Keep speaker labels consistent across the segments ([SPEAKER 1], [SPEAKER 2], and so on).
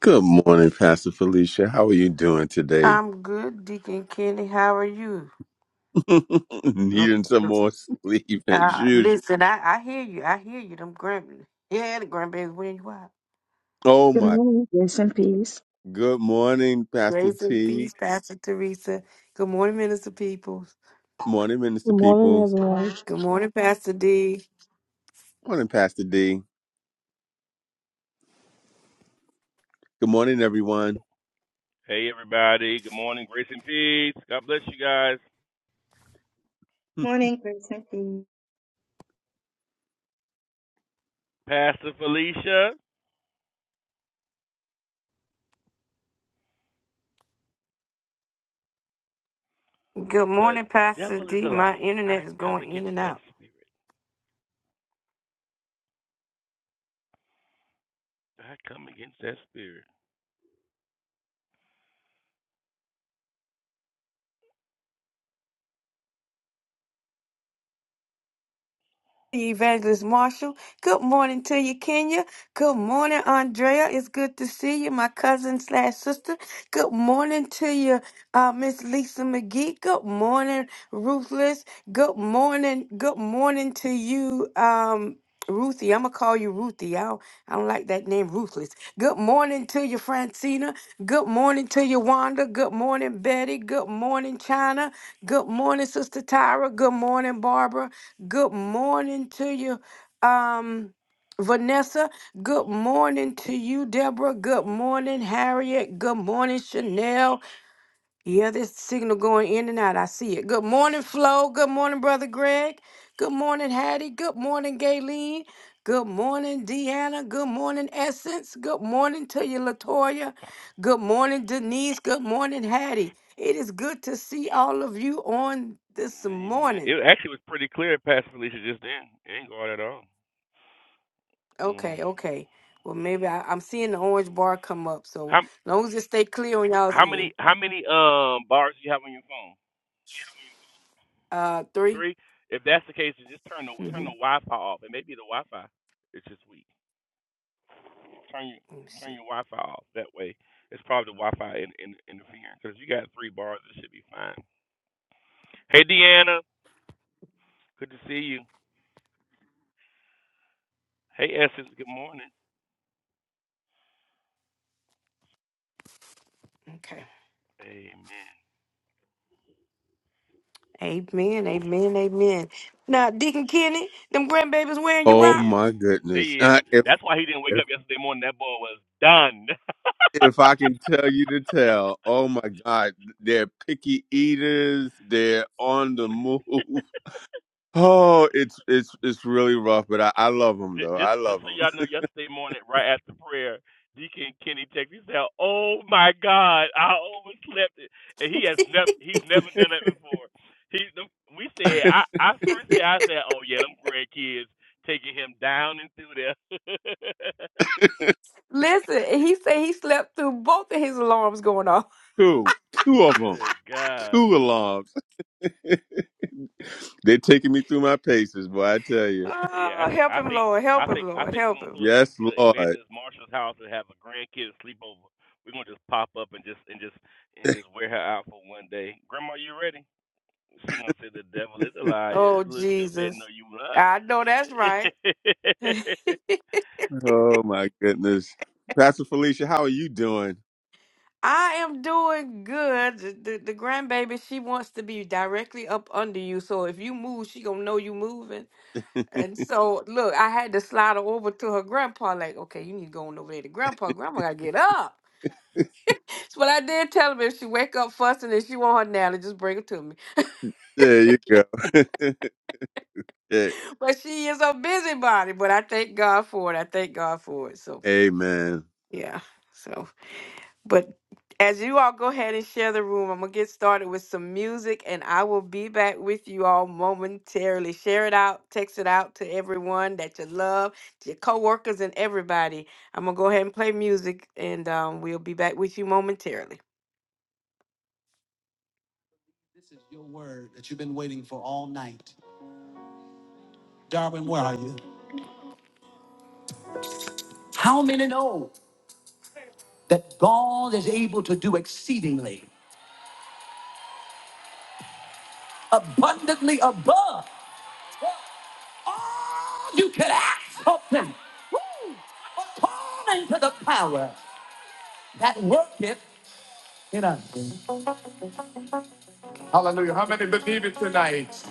[SPEAKER 1] Good morning, Pastor Felicia. How are you doing today?
[SPEAKER 2] I'm good, Deacon Kenny. How are you? No,
[SPEAKER 1] Needing some more sleep as
[SPEAKER 2] uh,
[SPEAKER 1] usual.
[SPEAKER 2] listen, I, I hear you. I hear you. Them grandbabies. yeah, the grandbabies winning you out.
[SPEAKER 1] Oh
[SPEAKER 3] Good
[SPEAKER 1] my.
[SPEAKER 3] morning, grace and peace.
[SPEAKER 1] Good morning, Pastor
[SPEAKER 2] Grace and
[SPEAKER 1] T.
[SPEAKER 2] peace, Pastor Teresa. Good morning, Minister Peoples.
[SPEAKER 1] Morning, Minister
[SPEAKER 4] Good morning,
[SPEAKER 1] Peoples.
[SPEAKER 4] everyone.
[SPEAKER 2] Good morning, Pastor D.
[SPEAKER 1] Morning, Pastor D. Good morning, everyone.
[SPEAKER 5] Hey, everybody. Good morning. Grace and peace. God bless you guys.
[SPEAKER 3] Morning.
[SPEAKER 5] Pastor Felicia,
[SPEAKER 2] Good
[SPEAKER 5] the
[SPEAKER 2] morning, Pastor
[SPEAKER 5] devil is
[SPEAKER 2] D.
[SPEAKER 5] a
[SPEAKER 2] My
[SPEAKER 5] liar. I
[SPEAKER 2] internet is
[SPEAKER 5] come
[SPEAKER 2] going in
[SPEAKER 5] against
[SPEAKER 2] and
[SPEAKER 5] that
[SPEAKER 2] out.
[SPEAKER 5] spirit. I come against that spirit.
[SPEAKER 2] Evangelist Marshall. Good morning to you, Kenya. Good morning, Andrea. It's good to see you, my cousin slash sister. Good morning to you, uh, Miss Lisa McGee. Good morning, Ruthless. Good morning. Good morning to you, um, Ruthie. I'm gonna call you Ruthie. I don't, I don't like that name, Ruthless. Good morning to you, Francina. Good morning to you, Wanda. Good morning, Betty. Good morning, China. Good morning, Sister Tyra. Good morning, Barbara. Good morning to you, um, Vanessa. Good morning to you, Deborah. Good morning, Harriet. Good morning, Chanel. Yeah, this signal going in and out. I see it. Good morning, Flo. Good morning, Brother Greg. Good morning, Hattie. Good morning, Gayleen. Good morning, Deanna. Good morning, Essence. Good morning to you, Latoya. Good morning, Denise. Good morning, Hattie. It is good to see all of you on this
[SPEAKER 5] Amen.
[SPEAKER 2] morning.
[SPEAKER 5] It actually was pretty clear, Pastor Felicia, just then. It ain't going at all. hmm
[SPEAKER 2] Okay, okay. Well, maybe I, I'm seeing the orange bar come up. So
[SPEAKER 5] How
[SPEAKER 2] long as it stay clear on y'all's
[SPEAKER 5] how
[SPEAKER 2] end.
[SPEAKER 5] many how many um bars do you have on your phone?
[SPEAKER 2] Uh, 3
[SPEAKER 5] Three. If that's the case, then just turn the
[SPEAKER 2] Mm-hmm.
[SPEAKER 5] turn the Wi-Fi off. It may be the Wi-Fi. It's just weak. turn your
[SPEAKER 2] Let me
[SPEAKER 5] turn
[SPEAKER 2] see.
[SPEAKER 5] your Wi-Fi off. That way, it's probably the Wi-Fi in, in, interfering. Because you got three bars, it should be fine. Hey, Deanna, good to see you. Hey, Essence, good morning.
[SPEAKER 2] Okay.
[SPEAKER 5] Amen.
[SPEAKER 2] Amen. Amen. Amen. Now, Deacon Kenny, them grandbabies wearing you
[SPEAKER 1] Oh
[SPEAKER 2] out.
[SPEAKER 5] They is,
[SPEAKER 1] my goodness.
[SPEAKER 5] they is.
[SPEAKER 1] Uh, if
[SPEAKER 5] That's why he didn't wake
[SPEAKER 1] if
[SPEAKER 5] up yesterday morning. That boy was done.
[SPEAKER 1] if I can tell you to tell, oh my God, they're picky eaters. They're on the move. Oh, it's it's it's really rough, but I, I love them
[SPEAKER 5] Ju-
[SPEAKER 1] though. I
[SPEAKER 5] just
[SPEAKER 1] love
[SPEAKER 5] just so y'all
[SPEAKER 1] them.
[SPEAKER 5] know, yesterday morning, right after prayer, Deacon Kenny texted. me. He said, "Oh my God, I overslept it," and he has never he's never done that before. He the- we said I I first said I said, "Oh yeah, them grandkids taking him down and through there."
[SPEAKER 2] Listen, he said he slept through both of his alarms going off.
[SPEAKER 1] two, two of them.
[SPEAKER 5] Good gosh,
[SPEAKER 1] Two alarms. They're taking me through my paces, boy. I tell you.
[SPEAKER 5] yeah, I,
[SPEAKER 2] Oh,
[SPEAKER 5] th-
[SPEAKER 2] help
[SPEAKER 5] I
[SPEAKER 2] him,
[SPEAKER 5] think
[SPEAKER 2] Lord.
[SPEAKER 5] I
[SPEAKER 2] Help him,
[SPEAKER 5] think I
[SPEAKER 2] Lord.
[SPEAKER 5] think we're
[SPEAKER 2] Help
[SPEAKER 5] gonna
[SPEAKER 2] him.
[SPEAKER 5] pull up to,
[SPEAKER 1] Yes,
[SPEAKER 5] to
[SPEAKER 1] Lord.
[SPEAKER 5] Evangelist Marshall's house and have a grandkids sleepover. We're gonna just pop up and just and just and just wear her out for one day. Grandma, you ready? She gonna say the devil is a liar.
[SPEAKER 2] Oh,
[SPEAKER 5] Look, she'll say no,
[SPEAKER 2] Jesus.
[SPEAKER 5] you not.
[SPEAKER 2] I know that's right.
[SPEAKER 1] Oh my goodness. Pastor Felicia, how are you doing?
[SPEAKER 2] I am doing good. The, the, the grandbaby, she wants to be directly up under you. So if you move, she gonna know you moving. And so look, I had to slide her over to her grandpa, like, okay, you need to go on over there to grandpa. Grandma gotta get up. So what I did tell him if she wake up fussing and she want her now to just bring her to me.
[SPEAKER 1] There you go. Yeah,
[SPEAKER 2] But she is a busybody, but I thank God for it. I thank God for it. So
[SPEAKER 1] Amen.
[SPEAKER 2] yeah. So. But as you all go ahead and share the room, I'm going to get started with some music and I will be back with you all momentarily. Share it out, text it out to everyone that you love, to your coworkers and everybody. I'm going to go ahead and play music and um, we'll be back with you momentarily. This is your word that you've been waiting for all night. Darwin, where are you? How many know that God is able to do exceedingly, abundantly above? All you could ask something. Woo! According to the power that worketh in us. Hallelujah. How many believe it tonight?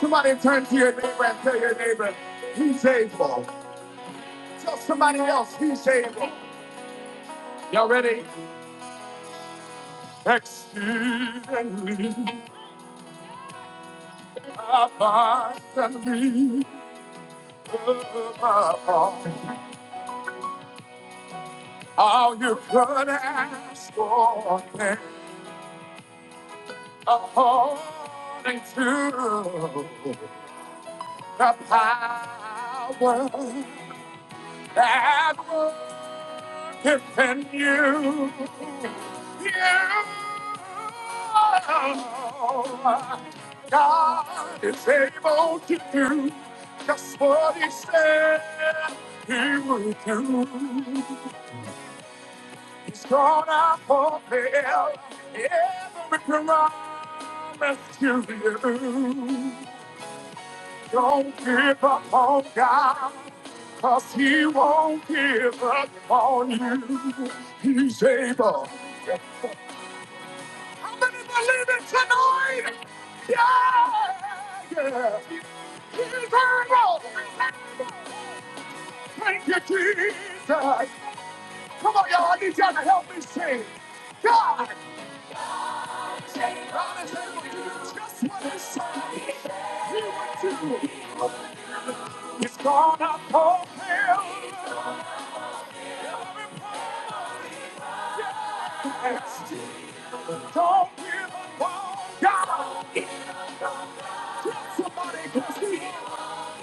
[SPEAKER 2] Somebody turn to your neighbor and tell your neighbor, he's able. Tell somebody else, he's able. Y'all ready? Exceedingly, abundantly, above all you could ask for. according to the power that worketh in you. You, God is able to do just what He said He would do. He's gonna fulfill every promise to you. Don't give up on God, cause he won't give up on you. He's able. How many believe it tonight? Yeah, yeah. He's able. Thank you, Jesus. Come on, y'all. I need y'all to help me sing. God, God is able to do just what he said he would do. He's gonna fulfill every Don't give up on God. Tell somebody close to you.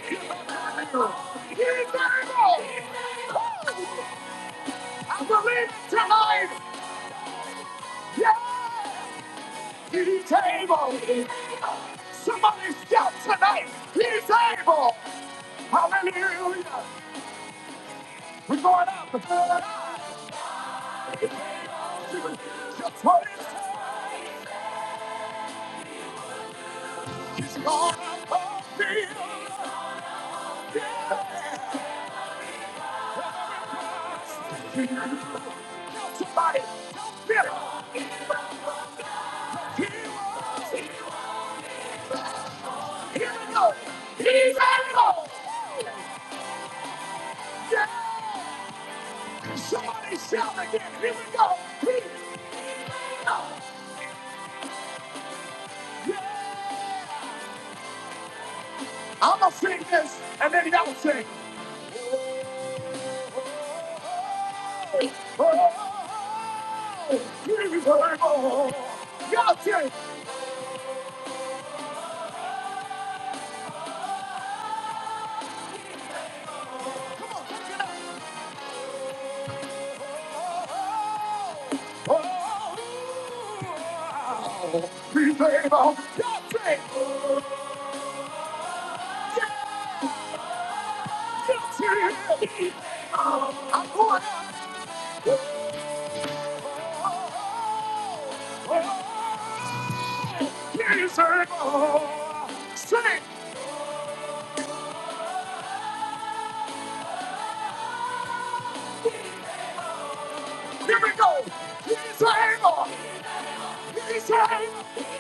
[SPEAKER 2] He's able. He's able. I believe it tonight. Yes, he's able. Somebody shout tonight. He's able. Hallelujah. We're going up. Just hold it tight. Gonna be Somebody, do Here we go. Here we go. Yeah. Somebody shout again. Here we go. Here we go. Yeah. I'm going to sing this and then y'all sing. Oh, oh, oh, oh, oh, oh, oh, oh, oh, oh, Y'all sing. Oh, we made our country. Country. I'm going up. Oh, he's able. Sing. Here we go. He's able. Whatever he said, he's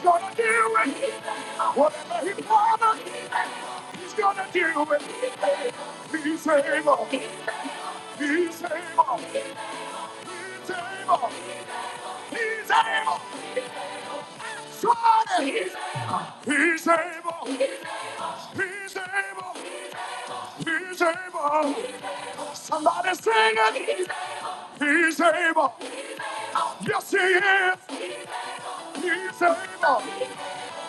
[SPEAKER 2] gonna do it. Whatever he promised, he's gonna do it. He's able. He's able. He's able. He's able. Somebody, he's able. He's able. He's able. He's able. Somebody sing it. He's able. Yes, he is. He's able.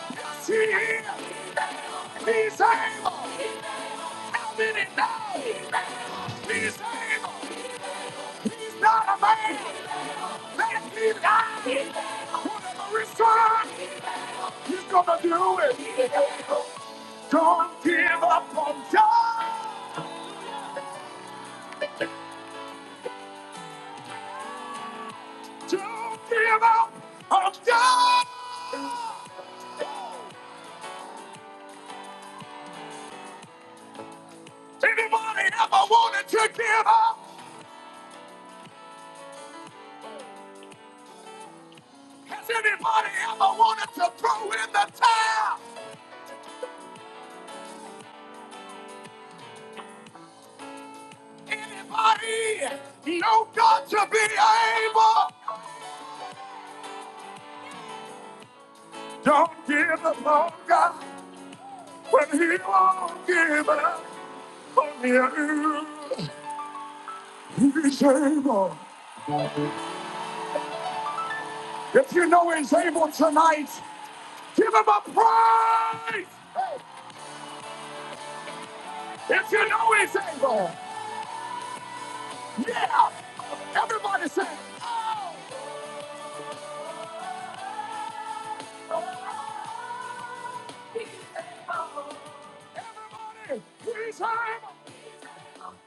[SPEAKER 2] Yes, he is. He's able. How many now? He's able. He's not a man. Let him be died. Whatever is done. He's gonna do it. Don't give up on God. Don't give up on God. Anybody ever wanted to give up? Has anybody ever wanted to throw in the towel? Anybody know God to be able? Don't give up on God when He won't give up on you. He's able. If you know he's able tonight, give him a praise. If you know he's able, yeah. Everybody say, oh. Everybody, he's able.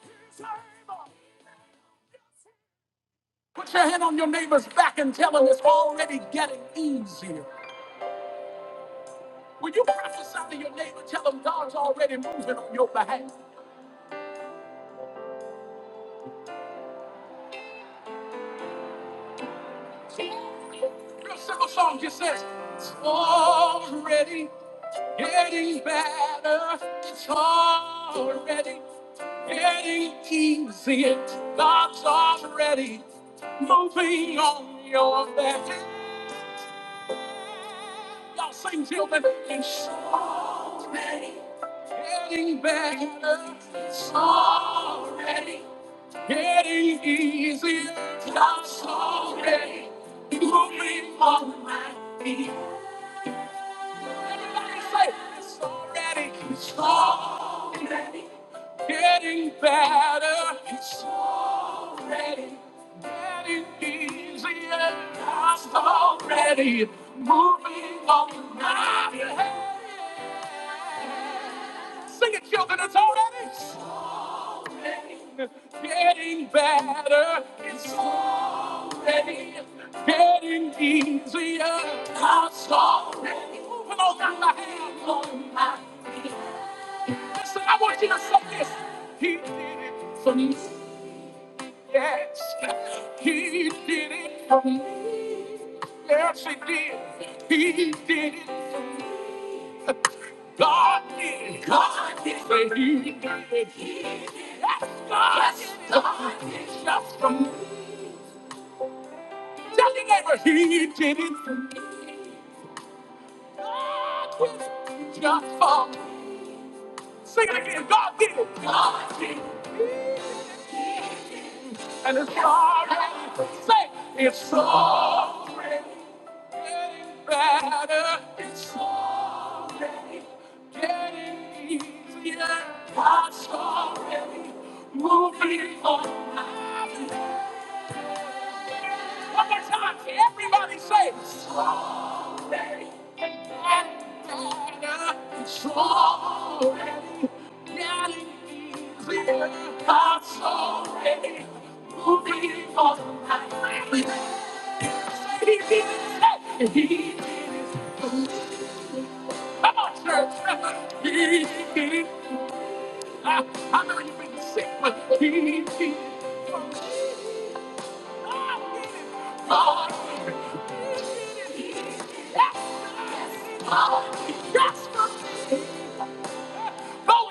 [SPEAKER 2] He's able. Put your hand on your neighbor's back and tell him it's already getting easier. When you prophesy to your neighbor, tell them God's already moving on your behalf. See, Your simple song just says, It's already getting better. It's already getting easier. God's already moving on your behalf. Y'all sing till children. It's already getting better. It's already Getting easier, I'm sorry. Moving on my feet. Everybody say, it's already, it's already getting better. It's already getting easier. I'm already moving on my feet. Sing it, children, it's already getting better. It's already getting easier. God's already moving on through my hands, on my feet. Listen, I want you to say this. He did it for me. Yes, he did it for me. Yes, he did. He did it for me. God did. God did. Say, He did it. He did it. Yes, God Yes, did it. Yes, God did it. Just for me. Tell your neighbor, he did it for me. God did it. Just for me. Sing it again. God did it. God did it. and it's already, say, it's already getting better. It's already getting easier. God's already moving on. my life. One more time, can everybody say, strawberry and banana, strawberry daddy is in I'm sorry, moving on my way. Say He did it, say he did it. Come on, church. He did it. I, I know you've been sick, but he did it. Go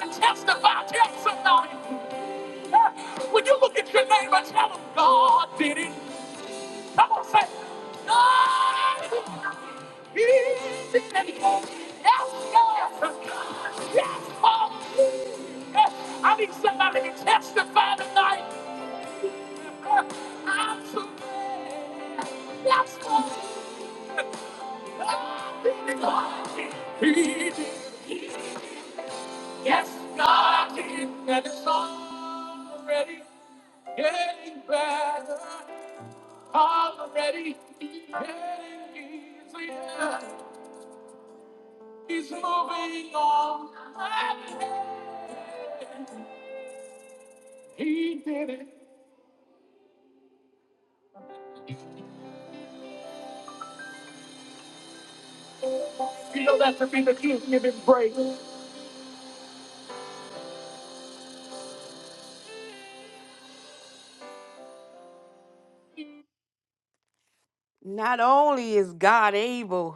[SPEAKER 2] and testify. Tell somebody. When you look at your neighbor, tell them God did it. Come on, say, God did it. Yes, God. Yes, Paul. Yes. I need somebody to testify tonight. Yes, God did, and it's already getting better. Already getting easier. He's moving on. He did it. You know that to be the truth. Give him praise. Not only is God able.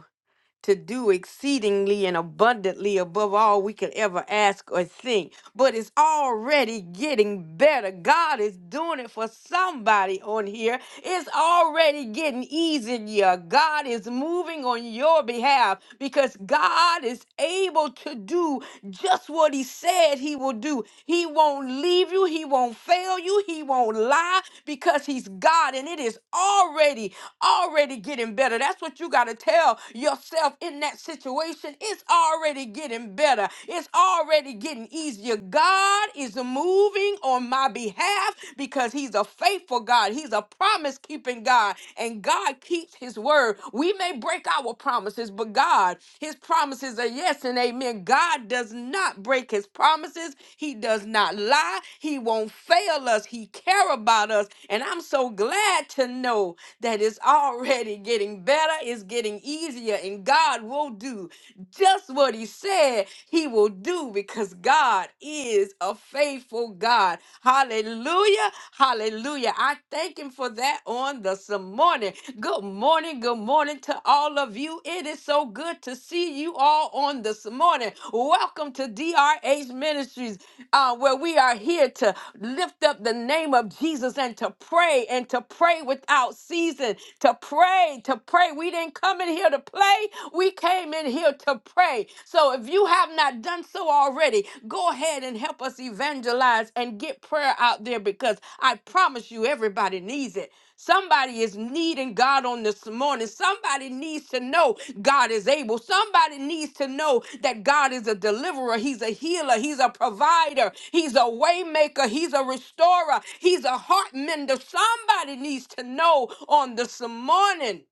[SPEAKER 2] to do exceedingly and abundantly above all we could ever ask or think. But it's already getting better. God is doing it for somebody on here. It's already getting easier. God is moving on your behalf because God is able to do just what He said He will do. He won't leave you, He won't fail you, He won't lie because He's God and it is already, already getting better. That's what you got to tell yourself in that situation, it's already getting better. It's already getting easier. God is moving on my behalf because He's a faithful God. He's a promise keeping God, and God keeps His word. We may break our promises, but God, His promises are yes and amen. God does not break His promises. He does not lie. He won't fail us. He care about us, and I'm so glad to know that it's already getting better. It's getting getting easier, and God will do just what He said He will do because God is a faithful God. Hallelujah. Hallelujah. I thank Him for that on this morning. Good morning. Good morning to all of you. It is so good to see you all on this morning. Welcome to DRH Ministries, uh, where we are here to lift up the name of Jesus and to pray and to pray without season, to pray, to pray pray. We didn't come in here to play. We came in here to pray. So if you have not done so already, go ahead and help us evangelize and get prayer out there because I promise you, everybody needs it. Somebody is needing God on this morning. Somebody needs to know God is able. Somebody needs to know that God is a deliverer. He's a healer. He's a provider. He's a waymaker. He's a restorer. He's a heart mender. Somebody needs to know on this morning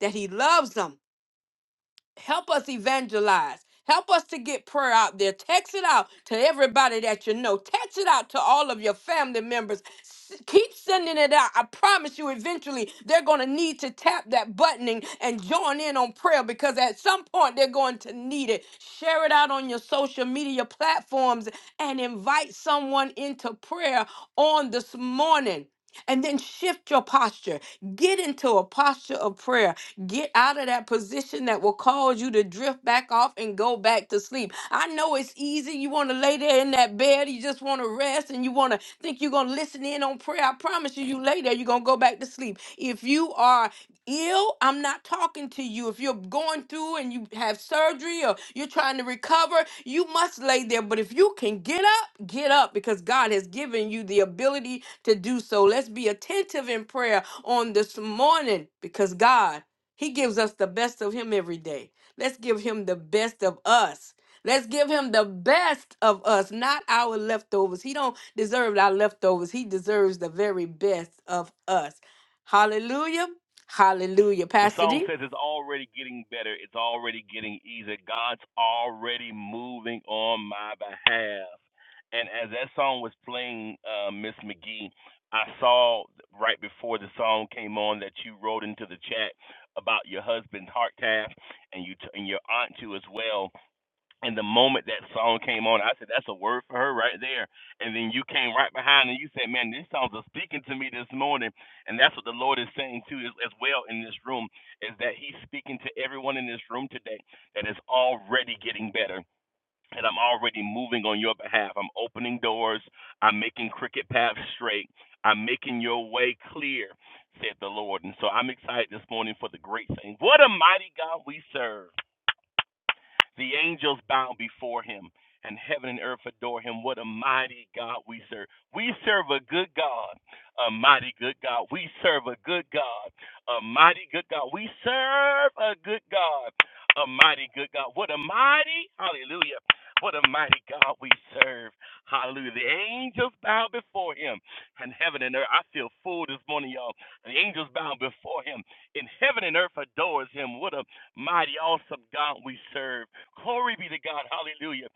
[SPEAKER 2] that he loves them. Help us evangelize. Help us to get prayer out there. Text it out to everybody that you know. Text it out to all of your family members. S- Keep sending it out. I promise you, eventually, they're going to need to tap that buttoning and join in on prayer because at some point they're going to need it. Share it out on your social media platforms and invite someone into prayer on this morning and then shift your posture. Get into a posture of prayer. Get out of that position that will cause you to drift back off and go back to sleep. I know it's easy. You want to lay there in that bed, you just want to rest, and you want to think you're going to listen in on prayer. I promise you, you lay there, you're going to go back to sleep if you are ill, I'm not talking to you. If you're going through and you have surgery or you're trying to recover, you must lay there. But if you can get up, get up because God has given you the ability to do so. Let's be attentive in prayer on this morning because God, He gives us the best of Him every day. Let's give Him the best of us. Let's give him the best of us, not our leftovers. He don't deserve our leftovers. He deserves the very best of us. Hallelujah. Hallelujah.
[SPEAKER 5] the
[SPEAKER 2] Pastor
[SPEAKER 5] song
[SPEAKER 2] D.
[SPEAKER 5] says it's already getting better. It's already getting easier. God's already moving on my behalf. And as that song was playing, uh, Miss McGee, I saw right before the song came on that you wrote into the chat about your husband's heart calf and you t- and your aunt too as well. And the moment that song came on, I said, "That's a word for her right there." And then you came right behind and you said, "Man, these songs are speaking to me this morning." And that's what the Lord is saying too, as, as well in this room, is that He's speaking to everyone in this room today that is already getting better. And I'm already moving on your behalf. I'm opening doors. I'm making cricket paths straight. I'm making your way clear, said the Lord. And so I'm excited this morning for the great thing. What a mighty God we serve. The angels bow before him, and heaven and earth adore him. What a mighty God we serve. We serve a good God, a mighty good God. We serve a good God, a mighty good God. We serve a good God, a mighty good God. What a mighty, hallelujah. What a mighty God we serve. Hallelujah. The angels bow before him, and heaven and earth. I feel full this morning, y'all. The angels bow before him, and heaven and earth adores him. What a mighty, awesome God we serve. Glory be to God. Hallelujah.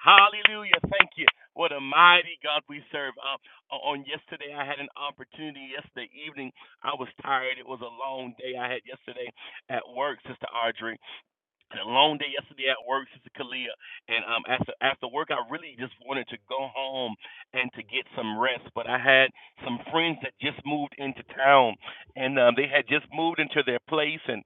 [SPEAKER 5] Hallelujah. Thank you. What a mighty God we serve. Uh, uh, on yesterday, I had an opportunity. Yesterday evening, I was tired. It was a long day I had yesterday at work, Sister Audrey, and a long day yesterday at work, Sister Kalia. And um, after after work, I really just wanted to go home and to get some rest. But I had some friends that just moved into town, and um, they had just moved into their place, and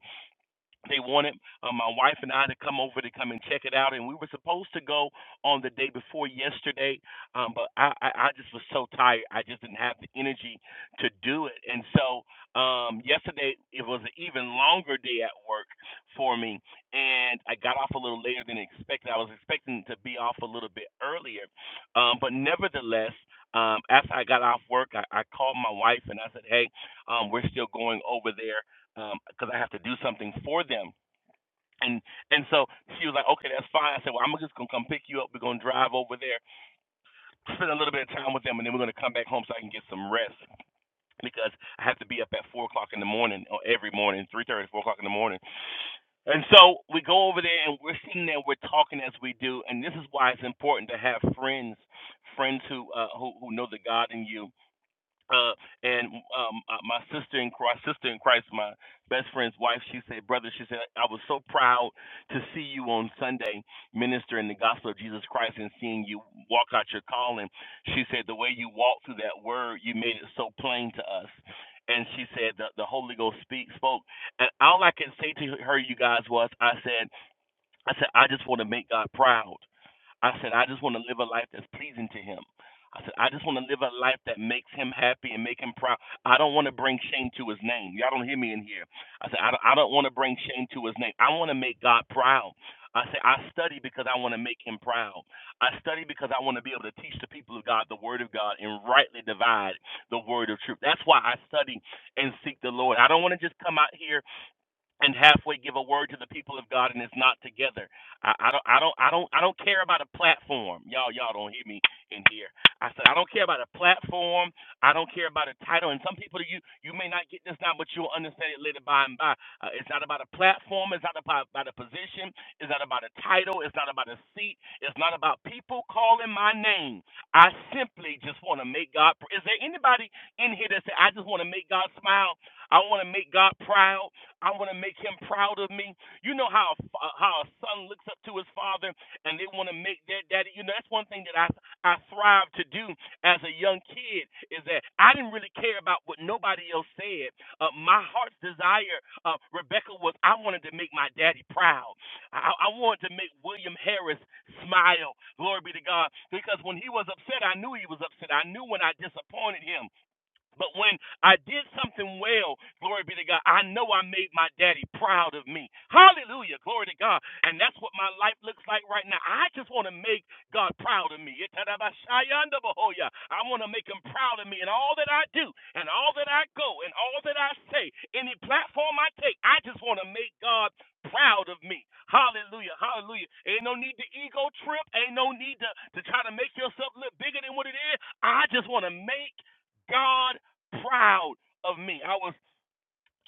[SPEAKER 5] they wanted uh, my wife and I to come over to come and check it out, and we were supposed to go on the day before yesterday, um, but I, I, I just was so tired. I just didn't have the energy to do it, and so um, yesterday it was an even longer day at work for me, and I got off a little later than expected. I was expecting to be off a little bit earlier, um, but nevertheless. Um, after I got off work, I, I called my wife and I said, "Hey, um, we're still going over there because I have to do something for them. And and so she was like, okay, that's fine. I said, well, I'm just gonna come pick you up. We're gonna drive over there, spend a little bit of time with them, and then we're gonna come back home so I can get some rest because I have to be up at four o'clock in the morning or every morning, three thirty, four o'clock in the morning. And so we go over there and we're sitting there, we're talking as we do, and this is why it's important to have friends, friends who uh, who who know the God in you uh, and um, uh, my sister in Christ, sister in Christ, my best friend's wife, she said, brother, she said, I was so proud to see you on Sunday ministering the gospel of Jesus Christ and seeing you walk out your calling. She said, the way you walked through that word, you made it so plain to us. And she said, the, the Holy Ghost speak, spoke. And all I could say to her, you guys, was, I said, I said, I just want to make God proud. I said, I just want to live a life that's pleasing to him. I said, I just want to live a life that makes him happy and make him proud. I don't want to bring shame to his name. Y'all don't hear me in here. I said, I don't, I don't want to bring shame to his name. I want to make God proud. I said, I study because I want to make him proud. I study because I want to be able to teach the people of God the word of God and rightly divide the word of truth. That's why I study and seek the Lord. I don't want to just come out here and halfway give a word to the people of God and it's not together. I, I don't I don't I don't I don't care about a platform. Y'all y'all don't hear me in here. I said I don't care about a platform. I don't care about a title. And some people you you may not get this now, but you'll understand it later by and by. Uh, it's not about a platform. It's not about, about a position. It's not about a title. It's not about a seat. It's not about people calling my name. I simply just want to make God. pr- Is there anybody in here that say I just want to make God smile? I want to make God proud. I want to make him proud of me. You know how a how a son looks up to his father, and they want to make their daddy. You know that's one thing that I I thrive to do as a young kid is that I didn't really care about what nobody else said. Uh, my heart's desire, uh, Rebecca, was I wanted to make my daddy proud. I, I wanted to make William Harris smile. Glory be to God, because when he was upset, I knew he was upset. I knew when I disappointed him. But when I did something well, glory be to God, I know I made my daddy proud of me. Hallelujah, glory to God. And that's what my life looks like right now. I just want to make God proud of me. I want to make him proud of me in all that I do, and all that I go, and all that I say, any platform I take. I just want to make God proud of me. Hallelujah, hallelujah. Ain't no need to ego trip. Ain't no need to, to try to make yourself look bigger than what it is. I just want to make God proud of me. I was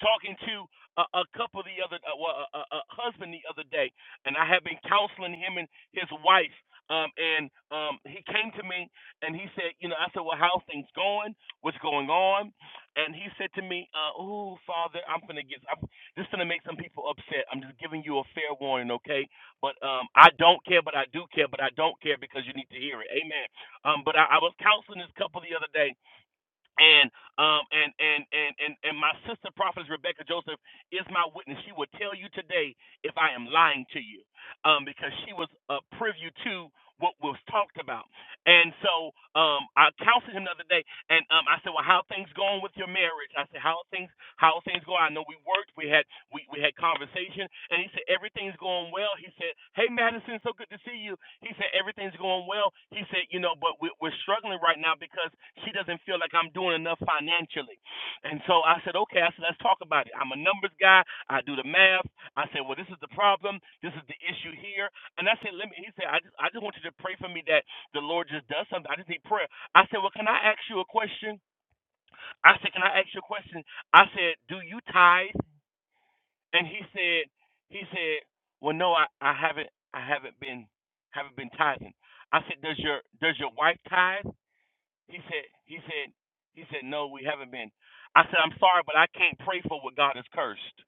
[SPEAKER 5] talking to a, a couple the other, uh, well, a, a, husband the other day, and I had been counseling him and his wife. Um, and um, he came to me and he said, you know, I said, well, how's things going? What's going on? And he said to me, uh, oh, Father, I'm gonna get, I'm, this is gonna make some people upset. I'm just giving you a fair warning, okay? But um, I don't care, but I do care, but I don't care because you need to hear it. Amen. Um, but I, I was counseling this couple the other day, and um and and and and, and my sister prophetess rebecca joseph is my witness she will tell you today if i am lying to you um because she was a privy to what was talked about and so um i counseled him the other day and um i said well how are things going with your marriage i said how are things how things go. I know we worked, we had we, we had conversation, and he said everything's going well. He said, "Hey Madison, so good to see you." He said everything's going well. He said, "You know, but we, we're struggling right now because she doesn't feel like I'm doing enough financially." And so I said, "Okay," I said, "Let's talk about it." I'm a numbers guy. I do the math. I said, "Well, this is the problem. This is the issue here." And I said, "Let me." He said, "I just I just want you to pray for me that the Lord just does something. I just need prayer." I said, "Well, can I ask you a question?" I said, "Can I ask you a question?" I said, "Do you tithe?" And he said, "He said, well, no, I, I haven't, I haven't been, haven't been tithing." I said, "Does your, does your wife tithe?" He said, he said, he said, "No, we haven't been." I said, "I'm sorry, but I can't pray for what God has cursed."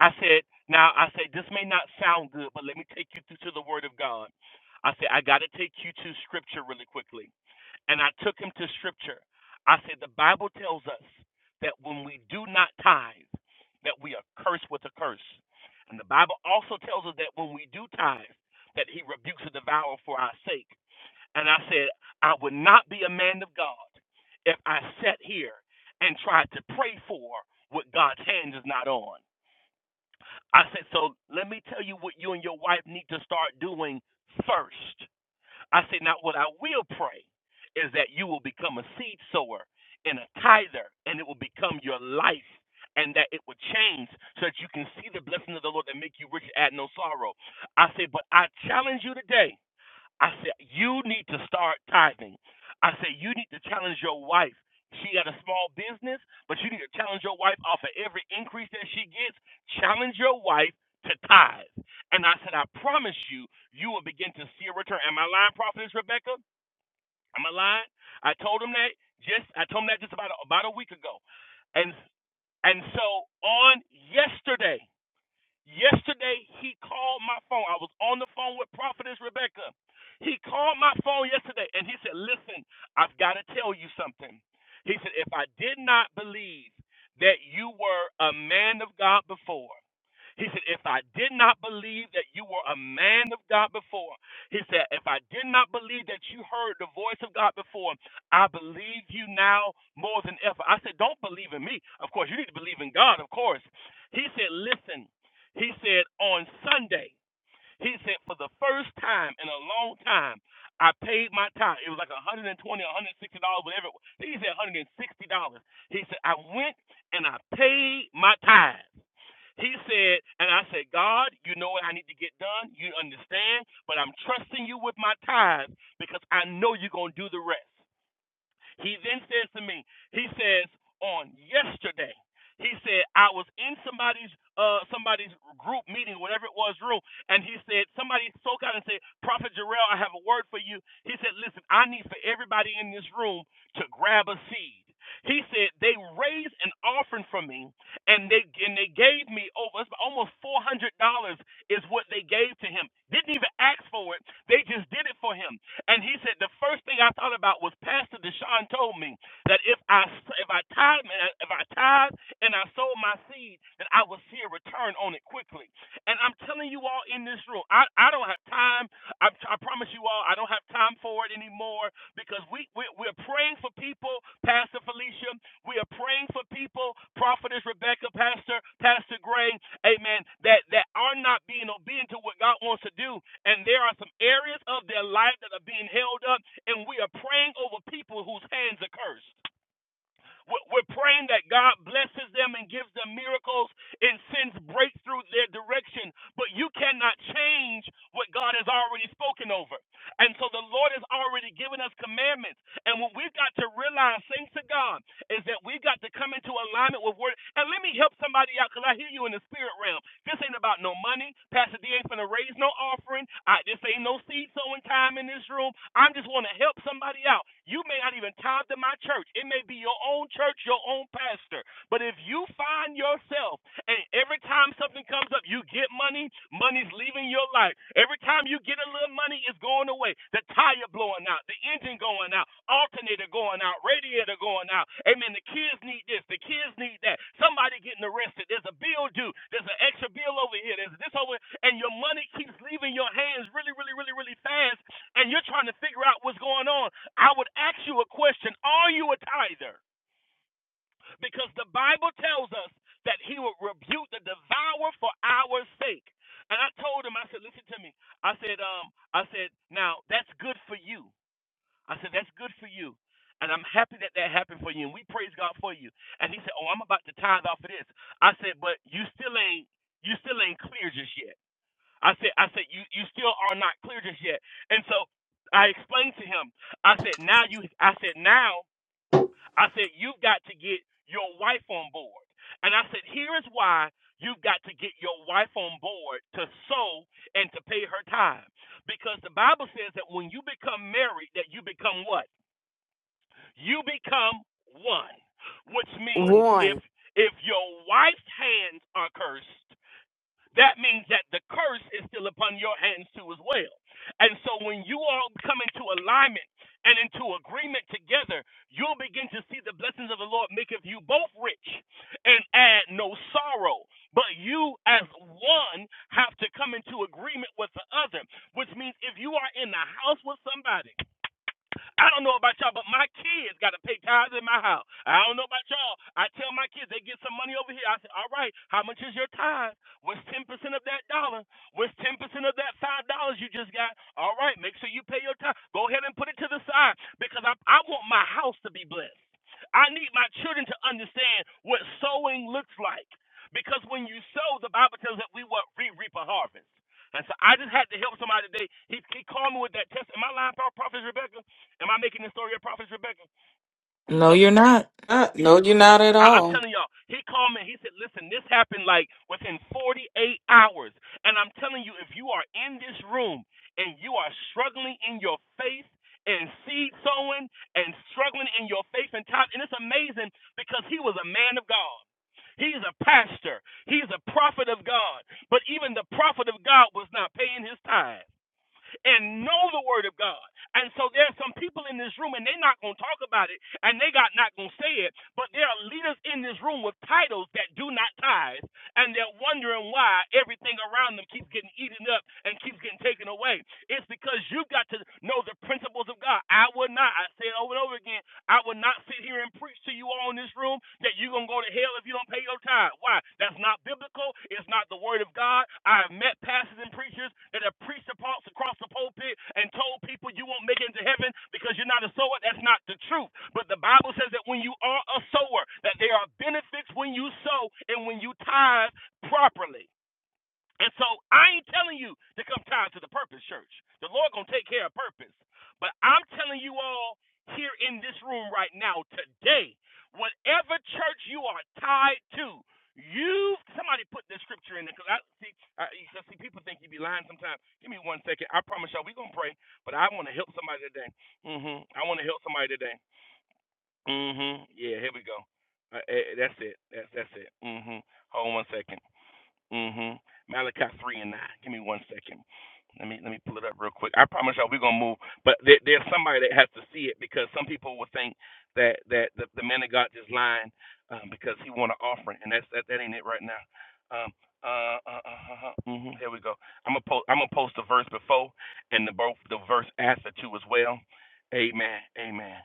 [SPEAKER 5] I said, "Now, I said this may not sound good, but let me take you to, to the Word of God." I said, "I got to take you to Scripture really quickly." and I took him to scripture. I said, The Bible tells us that when we do not tithe, that we are cursed with a curse. And the Bible also tells us that when we do tithe, that he rebukes the devourer for our sake. And I said, I would not be a man of God if I sat here and tried to pray for what God's hand is not on. I said, So let me tell you what you and your wife need to start doing first. I say, now what I will pray is that you will become a seed sower and a tither, and it will become your life, and that it will change so that you can see the blessing of the Lord that make you rich and add no sorrow. I say, but I challenge you today I said, you need to start tithing. I said, you need to challenge your wife. She got a small business, but you need to challenge your wife off of every increase that she gets. Challenge your wife to tithe. And I said, I promise you, you will begin to see a return. Am I lying, Prophetess Rebecca? Am I lying? I told him that just I told him that just about a, about a week ago. And and so on yesterday. Yesterday, he called my phone. I was on the phone with Prophetess Rebecca. He called my phone yesterday and he said, Listen, I've got to tell you something. He said, If I did not believe that you were a man of God before, he said, If I did not believe that you were a man of God before, he said, If I did not believe that you heard the voice of God before, I believe you now more than ever. I said, Don't believe in me. Of course, you need to believe in God, of course. He said, Listen, he said, On Sunday, he said, For the first time in a long time, I paid my time. It was like 120 $160, whatever. it was. He said $160. He said, I went and I paid my time. He said, and I said, God, you know what I need to get done. You understand, but I'm trusting you with my tithes because I know you're going to do the rest. He then says to me, he says, on yesterday, he said, I was in somebody's uh somebody's group meeting, whatever it was room, and he said, somebody spoke out and said, Prophet Jarrell, I have a word for you. He said, Listen, I need for everybody in this room to grab a seed. He said they raised an offering for me, and they and they gave me over almost four hundred dollars is what they gave to him. Didn't even ask for it. They just did it for him. And he said the first thing I thought about was Pastor Deshaun told me that if I if I tithe if I tithe and I sold my seed, that I will see a return on it quickly. And I'm telling you all in this room, I, I don't have time I, I promise you all, I don't have time for it anymore because we, we, we're praying for people, Pastor Felicia. We are praying for people, Prophetess Rebecca, Pastor, Pastor Gray, amen, that, that are not being obedient to what God wants to do. And there are some areas of their life that are being held up, and we are praying over people whose hands are cursed. We're praying that God blesses them and gives them miracles and sends breakthrough their direction. But you cannot change what God has already spoken over. And so the Lord has already given us commandments. And what we've got to realize, thanks to God, is that we got to come into alignment with word. And let me help somebody out because I hear you in the spirit realm. This ain't about no money. Pastor D ain't finna raise no offering. I, this ain't no seed sowing time in this room. I'm just want to help somebody out. You may not even tithe to my church. It may be your own church, your own pastor. But if you find yourself and every time something comes up, you get money, money's leaving your life. Every time you get a little money, it's going away. The tire blowing out, the engine going out, alternator going out, radiator going out. Amen. The kids need this, the kids need that. Somebody getting arrested. There's a bill due. There's an extra bill over here. There's this over, and your money keeps leaving your hands really, really, really, really fast. And you're trying to figure out what's going on. I would ask you a question: Are you a tither? because the Bible tells us that he would rebuke the devourer for our sake. And I told him, I said, listen to me. I said, um, I said, now that's good for you. I said, that's good for you. And I'm happy that that happened for you. And we praise God for you. And he said, oh, I'm about to tithe off of this. I said, but you still ain't, you still ain't clear just yet. I said, I said, you, you still are not clear just yet. And so I explained to him, I said, now you, I said, now I said, you've got to get your wife on board. And I said, here is why you've got to get your wife on board to sow and to pay her tithe. Because the Bible says that when you become married, that you become what? You become one. Which means if
[SPEAKER 2] One.
[SPEAKER 5] if your wife's hands are cursed, that means that the curse is still upon your hands too as well. And so when you all come into alignment and into agreement together, you'll begin to see the blessings of the Lord maketh you both rich and add no sorrow. But you as one have to come into agreement with the other, which means if you are in the house with somebody I don't know about y'all, but my kids got to pay tithes in my house. I don't know about y'all. I tell my kids they get some money over here. I say, all right, how much is your tithe? What's ten percent of that dollar? What's ten percent of that five dollars you just got? All right, make sure you pay your tithe. Go ahead and put it to the side because I, I want my house to be blessed. I need my children to understand what sowing looks like. Because when you sow, the Bible tells us that we will reap a harvest. And so I just had to help somebody today. He, he called me with that test. Am I lying, Prophet Rebecca? Am I making this story up, Prophet Rebecca? Just
[SPEAKER 6] No,
[SPEAKER 5] help me.
[SPEAKER 6] you're not. Uh, No, you're
[SPEAKER 5] I,
[SPEAKER 6] not at
[SPEAKER 5] I- I'm
[SPEAKER 6] all.
[SPEAKER 5] telling y'all, he called me. and He said, "Listen, this happened like within 48 hours." And I'm telling you, if you are in this room and you are struggling in your faith and seed sowing and struggling in your faith and time, and it's amazing because he was a man of God. He's a pastor. He's a prophet of God. But even the prophet of God was not paying his tithe and know the word of God. And so there are some people in this room and they're not going to talk about it and they got not going to say it, but there are leaders in this room with titles that do not tithe and they're wondering why everything around them keeps getting eaten up and keeps getting taken away. It's because you've got to know the principles of God. I would not, I say it over and over again, I will not sit here and preach to you all in this room that you're going to go to hell if you don't pay your tithe. Why? That's not biblical. It's not the word of God. I have met pastors and preachers that have preached across across the pulpit and told people you won't make it into heaven because you're not a sower. That's not the truth. But the Bible says that when you are a sower, that there are benefits when you sow and when you tithe properly. And so I ain't telling you to come tied to the purpose, church. The Lord gonna take care of purpose. But I'm telling you all here in this room right now, today, whatever church you are tied to, you somebody put this scripture in there. Cause I see, I, see, people think you be lying sometimes. Give me one second. I promise y'all, we gonna pray. But I want to help somebody today. hmm I want to help somebody today. hmm Yeah, here we go. Uh, eh, that's it. That's that's it. hmm Hold on one second. Mm-hmm. Malachi three and nine. Give me one second. Let me let me pull it up real quick. I promise y'all we're gonna move, but there, there's somebody that has to see it because some people will think that that the, the man of God just lying um, because he want an offering, and that's that, that ain't it right now. Um, uh, uh, uh, uh, uh, mhm, Here we go. I'm gonna post. I'm gonna post the verse before and the both the verse after too as well. Amen. Amen.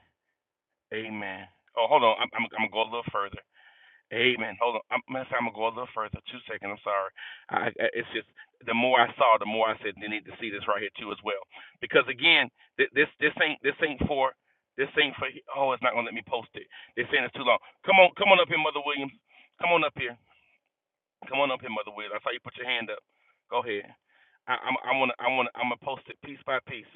[SPEAKER 5] Amen. Oh, hold on. I'm I'm, I'm gonna go a little further. Amen. Hold on. I'm, matter of fact, I'm gonna go a little further. Two seconds. I'm sorry. I, I, it's just the more I saw, the more I said they need to see this right here too as well. Because again, th- this this ain't this ain't for this ain't for. Oh, it's not gonna let me post it. They're saying it's too long. Come on, come on up here, Mother Williams. Come on up here. Come on up here, Mother Williams. I saw you put your hand up. Go ahead. I, I'm I wanna I wanna I'm gonna post it piece by piece.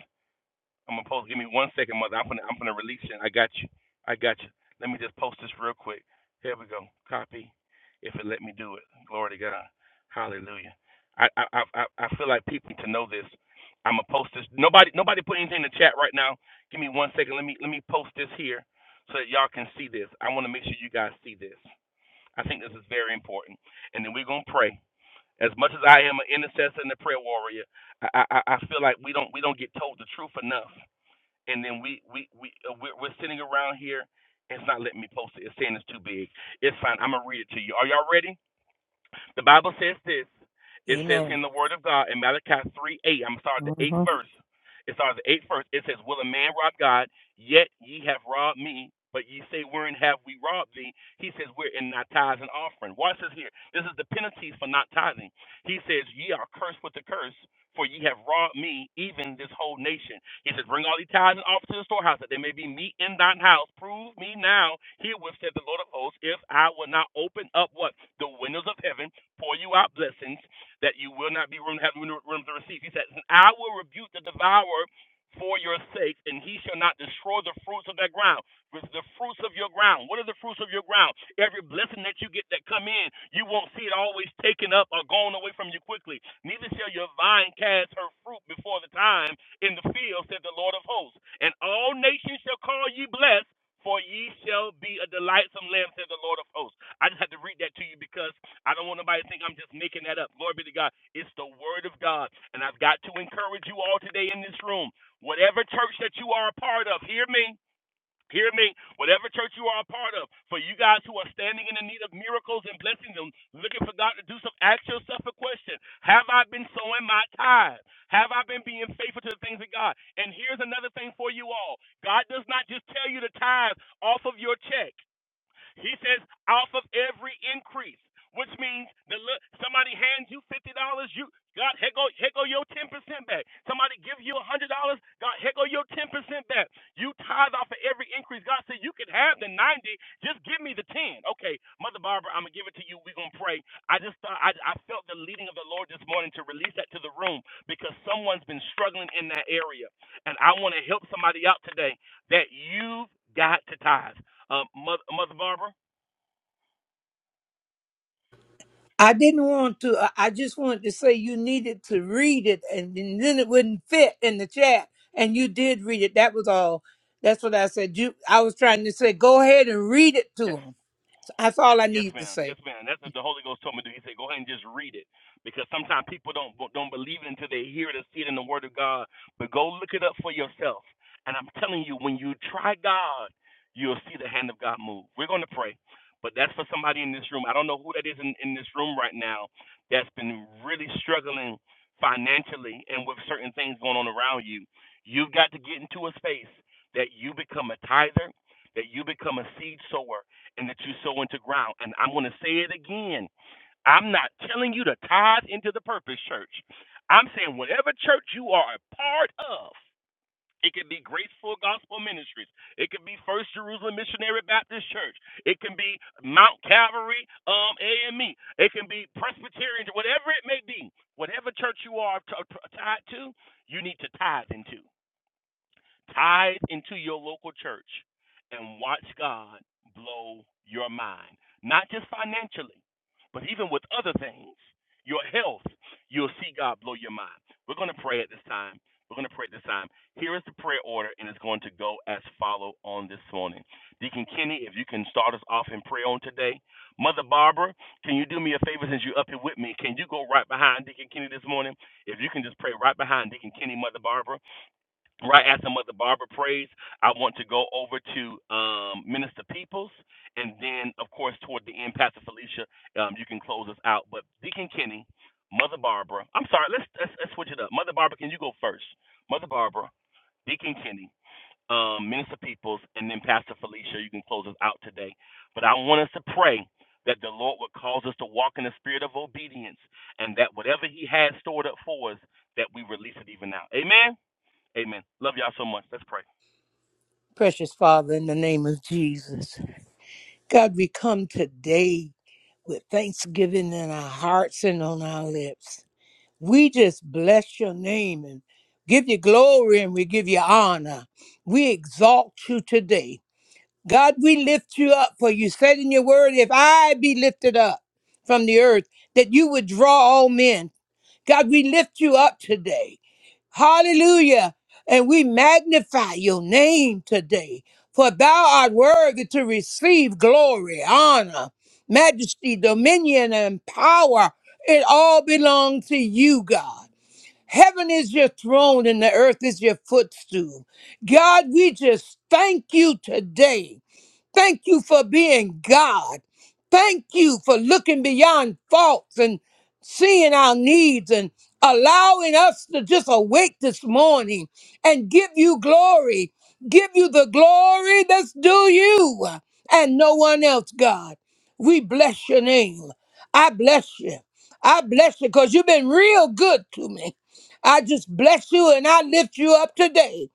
[SPEAKER 5] I'm gonna post. Give me one second, mother. I'm gonna I'm gonna release it. I got you. I got you. Let me just post this real quick. Here we go. Copy. If it let me do it. Glory to God. Hallelujah. I I I, I feel like people need to know this. I'm gonna post this. Nobody nobody put anything in the chat right now. Give me one second. Let me let me post this here so that y'all can see this. I want to make sure you guys see this. I think this is very important. And then we're gonna pray. As much as I am an intercessor and a prayer warrior, I I I feel like we don't we don't get told the truth enough and then we we we uh, we're, we're sitting around here. It's not letting me post it. It's saying it's too big. It's fine. I'm gonna read it to you. Are y'all ready? The Bible says this. It says
[SPEAKER 7] Amen.
[SPEAKER 5] in the Word of God in Malachi 3 8, I'm sorry, the eighth
[SPEAKER 7] hmm
[SPEAKER 5] verse. It starts the eighth verse. It says, Will a man rob God? Yet ye have robbed me. But ye say, Wherein have we robbed thee? He says, We're in thy tithes and offering. Watch this here. This is the penalties for not tithing. He says, Ye are cursed with the curse, for ye have robbed me, even this whole nation. He says, Bring all the tithes and offers to the storehouse, that there may be meat in thine house. Prove me now, herewith said the Lord of hosts, if I will not open up what? The windows of heaven pour you out blessings that you will not be room have room to receive. He says, I will rebuke the devourer for your sake, and he shall not destroy the fruits of that ground. With the fruits of your ground. What are the fruits of your ground? Every blessing that you get that come in, you won't see it always taken up or going away from you quickly. Neither shall your vine cast her fruit before the time in the field, said the Lord of hosts. And all nations shall call ye blessed, for ye shall be a delightsome land, said the Lord of hosts. I just had to read that to you because I don't want nobody to think I'm just making that up. Glory be to God. It's the word of God. And I've got to encourage you all today in this room. Whatever church that you are a part of, hear me. Hear me. Whatever church you are a part of, for you guys who are standing in the need of miracles and blessings and looking for God to do some, ask yourself a question. Have I been sowing my tithe? Have I been being faithful to the things of God? And here's another thing for you all. God does not just tell you to tithe off of your check. He says, off of every increase, which means that look, somebody hands you fifty dollars, you God, here go, here go your ten percent back. Somebody give you a hundred dollars, God, here go your ten percent back. You tithe off of every increase. God said, you can have the ninety, just give me the ten. Okay, Mother Barbara, I'm gonna give it to you. We're gonna pray. I just thought I, I felt the leading of the Lord this morning to release that to the room because someone's been struggling in that area, and I want to help somebody out today that you've got to tithe. Um, Mother, Mother Barbara?
[SPEAKER 7] I didn't want to. I I just wanted to say you needed to read it, and, and then it wouldn't fit in the chat. And you did read it. That was all. That's what I said. You. I was trying to say, go ahead and read it to
[SPEAKER 5] Yes.
[SPEAKER 7] them. That's all I
[SPEAKER 5] Yes,
[SPEAKER 7] needed to
[SPEAKER 5] ma'am.
[SPEAKER 7] say.
[SPEAKER 5] Yes, ma'am. That's what the Holy Ghost told me to do. He said, go ahead and just read it. Because sometimes people don't don't believe it until they hear it or see it in the Word of God. But go look it up for yourself. And I'm telling you, when you try God, you'll see the hand of God move. We're going to pray. But that's for somebody in this room. I don't know who that is in, in this room right now that's been really struggling financially and with certain things going on around you. You've got to get into a space that you become a tither, that you become a seed sower and that you sow into ground. And I'm going to say it again. I'm not telling you to tithe into the purpose church. I'm saying whatever church you are a part of, it could be Graceful Gospel Ministries. It could be First Jerusalem Missionary Baptist Church. It can be Mount Calvary um, AME. It can be Presbyterian, whatever it may be. Whatever church you are t- t- tied to, you need to tithe into. Tithe into your local church and watch God blow your mind. Not just financially, but even with other things. Your health, you'll see God blow your mind. We're going to pray at this time. We're going to pray at this time. Here is the prayer order, and it's going to go as follow on this morning. Deacon Kenny, if you can start us off in prayer on today. Mother Barbara, can you do me a favor since you're up here with me? Can you go right behind Deacon Kenny this morning? If you can just pray right behind Deacon Kenny, Mother Barbara right after Mother Barbara prays, I want to go over to um, Minister Peoples, and then, of course, toward the end, Pastor Felicia, um, you can close us out. But Deacon Kenny, Mother Barbara, I'm sorry, let's, let's let's switch it up. Mother Barbara, can you go first? Mother Barbara, Deacon Kenny, um, Minister Peoples, and then Pastor Felicia, you can close us out today. But I want us to pray that the Lord would cause us to walk in the spirit of obedience, and that whatever He has stored up for us, that we release it even now. Amen. Amen. Love y'all so much. Let's pray.
[SPEAKER 7] Precious Father, in the name of Jesus, God, we come today with thanksgiving in our hearts and on our lips. We just bless your name and give you glory, and we give you honor. We exalt you today. God, we lift you up, for you said in your word, if I be lifted up from the earth, that you would draw all men. God, we lift you up today. Hallelujah. And we magnify your name today, for thou art worthy to receive glory, honor, majesty, dominion, and power. It all belongs to you, God. Heaven is your throne and the earth is your footstool. God, we just thank you today. Thank you for being God. Thank you for looking beyond faults and seeing our needs and allowing us to just awake this morning and give you glory. Give you the glory that's due you and no one else, God. We bless your name. I bless you. I bless you because you've been real good to me. I just bless you and I lift you up today.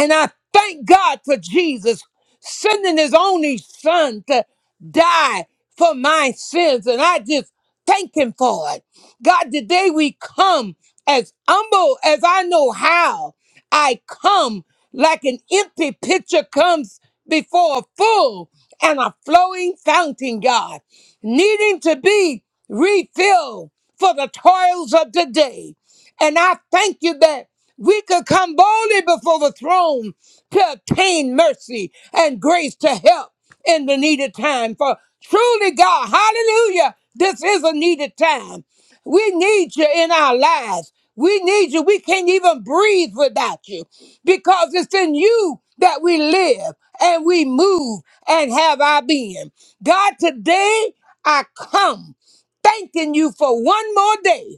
[SPEAKER 7] And I thank God for Jesus sending his only son to die for my sins. And I just thank him for it. God, today we come as humble as I know how. I come like an empty pitcher comes before a full and a flowing fountain, God, needing to be refilled for the toils of today. And I thank you that we could come boldly before the throne to obtain mercy and grace to help in the needed time. For truly, God, hallelujah, this is a needed time. We need you in our lives. We need you. We can't even breathe without you because it's in you that we live and we move and have our being. God, today I come thanking you for one more day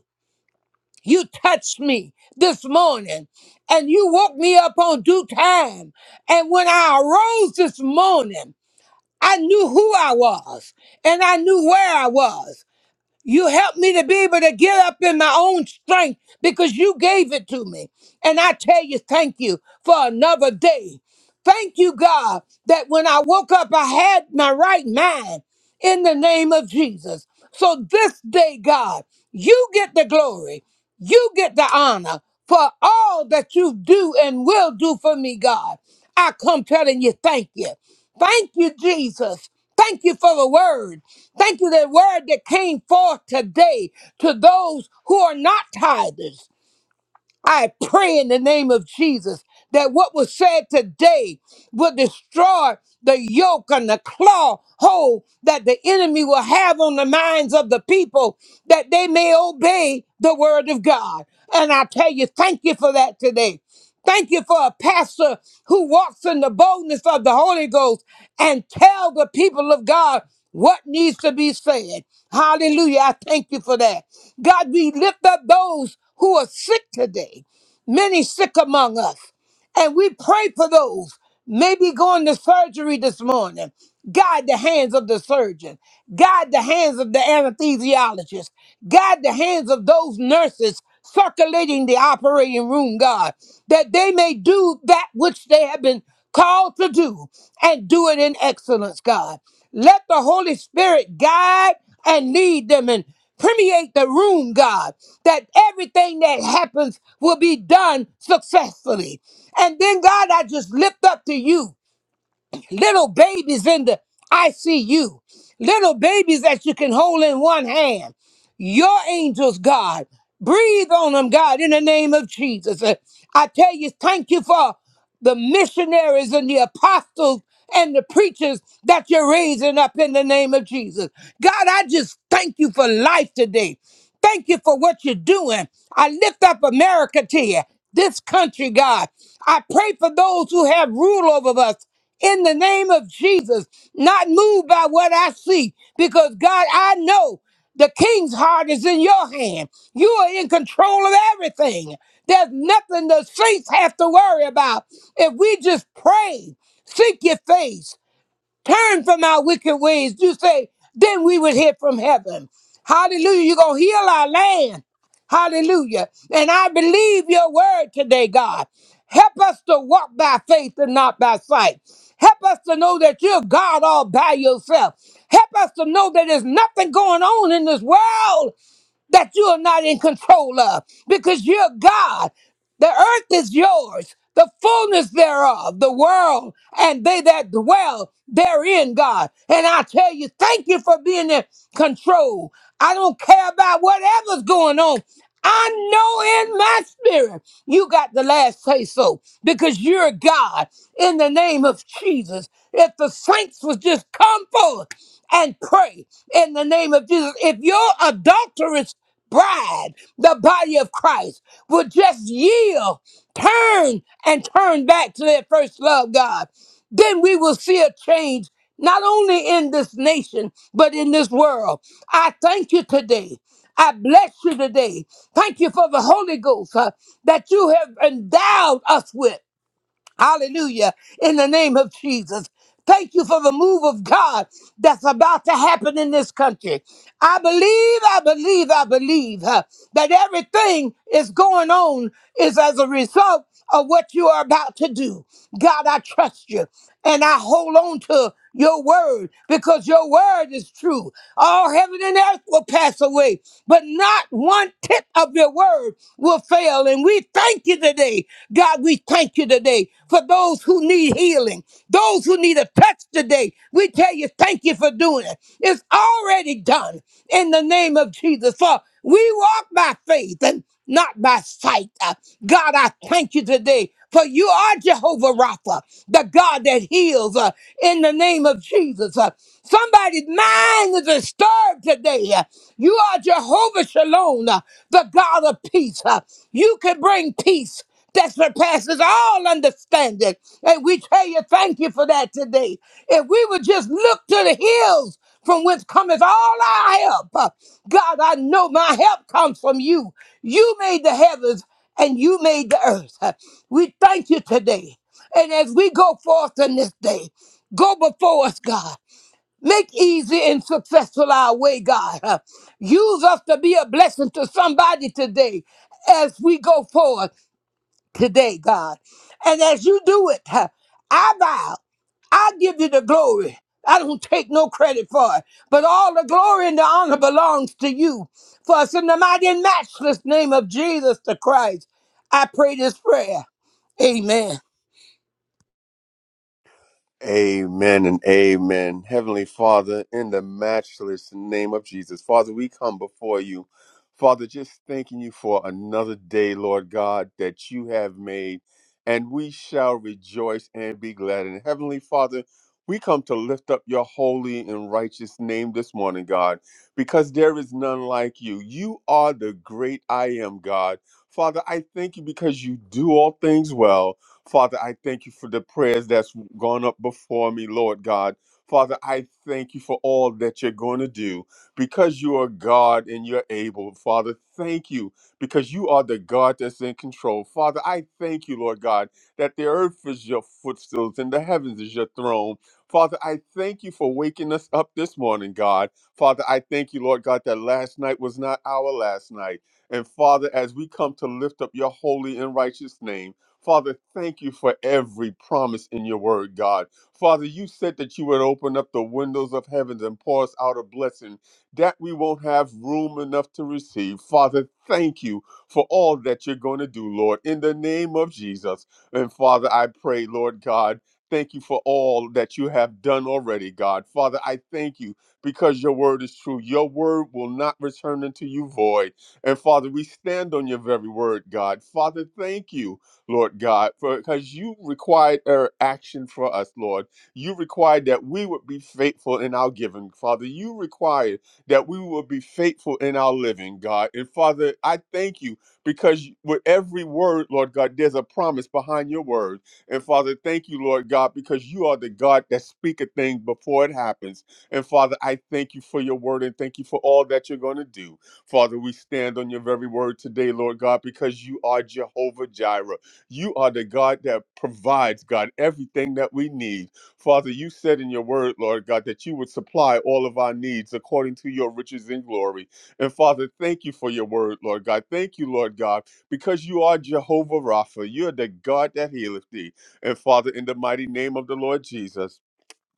[SPEAKER 7] you touched me this morning and you woke me up on due time. And when I arose this morning, I knew who I was and I knew where I was. You helped me to be able to get up in my own strength because you gave it to me. And I tell you, thank you for another day. Thank you, God, that when I woke up, I had my right mind in the name of Jesus. So this day, God, you get the glory, you get the honor for all that you do and will do for me, God. I come telling you, thank you. Thank you, Jesus. Thank you for the word. Thank you, that word that came forth today to those who are not tithers. I pray in the name of Jesus that what was said today will destroy the yoke and the claw hold that the enemy will have on the minds of the people that they may obey the word of God. And I tell you, thank you for that today. Thank you for a pastor who walks in the boldness of the Holy Ghost and tell the people of God what needs to be said. Hallelujah. I thank you for that. God, we lift up those who are sick today, many sick among us. And we pray for those maybe going to surgery this morning. Guide the hands of the surgeon. Guide the hands of the anesthesiologist. Guide the hands of those nurses circulating the operating room, God, that they may do that which they have been called to do and do it in excellence, God. Let the Holy Spirit guide and lead them. and. Permeate the room, God, that everything that happens will be done successfully. And then, God, I just lift up to you little babies in the ICU, little babies that you can hold in one hand. Your angels, God, breathe on them, God, in the name of Jesus. Uh, I tell you, thank you for the missionaries and the apostles and the preachers that you're raising up in the name of Jesus. God, I just thank you for life today. Thank you for what you're doing. I lift up America to you, this country, God. I pray for those who have rule over us in the name of Jesus, not moved by what I see, because God, I know the king's heart is in your hand. You are in control of everything. There's nothing the saints have to worry about. If we just pray, seek your face, turn from our wicked ways. You say, then we would hear from heaven. Hallelujah. You're going to heal our land. Hallelujah. And I believe your word today, God. Help us to walk by faith and not by sight. Help us to know that you're God all by yourself. Help us to know that there's nothing going on in this world that you are not in control of because you're God. The earth is yours, the fullness thereof, the world, and they that dwell therein, God. And I tell you, thank you for being in control. I don't care about whatever's going on. I know in my spirit you got the last say so because you're God in the name of Jesus. If the saints would just come forth and pray in the name of Jesus, if your adulterous bride, the body of Christ, would just yield, turn, and turn back to their first love, God, then we will see a change. Not only in this nation, but in this world. I thank you today. I bless you today. Thank you for the Holy Ghost uh, that you have endowed us with. Hallelujah. In the name of Jesus. Thank you for the move of God that's about to happen in this country. I believe, I believe, I believe uh, that everything is going on is as a result of what you are about to do. God, I trust you and I hold on to your word because your word is true. All heaven and earth will pass away, but not one tip of your word will fail. And we thank you today. God, we thank you today for those who need healing, those who need a touch today. We tell you, thank you for doing it. It's already done in the name of Jesus. For we walk by faith. and not by sight. Uh, God, I thank you today. For you are Jehovah Rapha, the God that heals uh, in the name of Jesus. Uh, somebody's mind is disturbed today. Uh, you are Jehovah Shalom, uh, the God of peace. Uh, you can bring peace that surpasses all understanding. And we tell you, thank you for that today. If we would just look to the hills from whence cometh all our help. Uh, God, I know my help comes from you. You made the heavens and you made the earth. Uh, We thank you today. And as we go forth in this day, go before us, God. Make easy and successful our way, God. Uh, Use us to be a blessing to somebody today as we go forward today, God. And as you do it, uh, I vow. I give you the glory. I don't take no credit for it. But all the glory and the honor belongs to you. For it's in the mighty and matchless name of Jesus the Christ. I pray this prayer. Amen.
[SPEAKER 1] Amen and amen. Heavenly Father, in the matchless name of Jesus, Father, we come before you. Father, just thanking you for another day, Lord God, that you have made, and we shall rejoice and be glad. And Heavenly Father, we come to lift up your holy and righteous name this morning, God, because there is none like you. You are the great I am, God. Father, I thank you because you do all things well. Father, I thank you for the prayers that's gone up before me, Lord God. Father, I thank you for all that you're going to do because you are God and you're able. Father, thank you because you are the God that's in control. Father, I thank you, Lord God, that the earth is your footstools and the heavens is your throne. Father, I thank you for waking us up this morning, God. Father, I thank you, Lord God, that last night was not our last night. And Father, as we come to lift up your holy and righteous name, Father, thank you for every promise in your word, God. Father, you said that you would open up the windows of heavens and pour us out a blessing that we won't have room enough to receive. Father, thank you for all that you're going to do, Lord, in the name of Jesus. And Father, I pray, Lord God, thank you for all that you have done already, God. Father, I thank you because your word is true. Your word will not return unto you void. And Father, we stand on your very word, God. Father, thank you Lord God, because you required our action for us, Lord. You required that we would be faithful in our giving, Father. You required that we would be faithful in our living, God. And Father, I thank you because with every word, Lord God, there's a promise behind your word. And Father, thank you, Lord God, because you are the God that speak a thing before it happens. And Father, I thank you for your word and thank you for all that you're going to do. Father, we stand on your very word today, Lord God, because you are Jehovah Jireh. You are the God that provides, God, everything that we need. Father, you said in your word, Lord God, that you would supply all of our needs according to your riches and glory. And Father, thank you for your word, Lord God. Thank you, Lord God, because you are Jehovah Rapha. You're the God that healeth thee. And Father, in the mighty name of the Lord Jesus.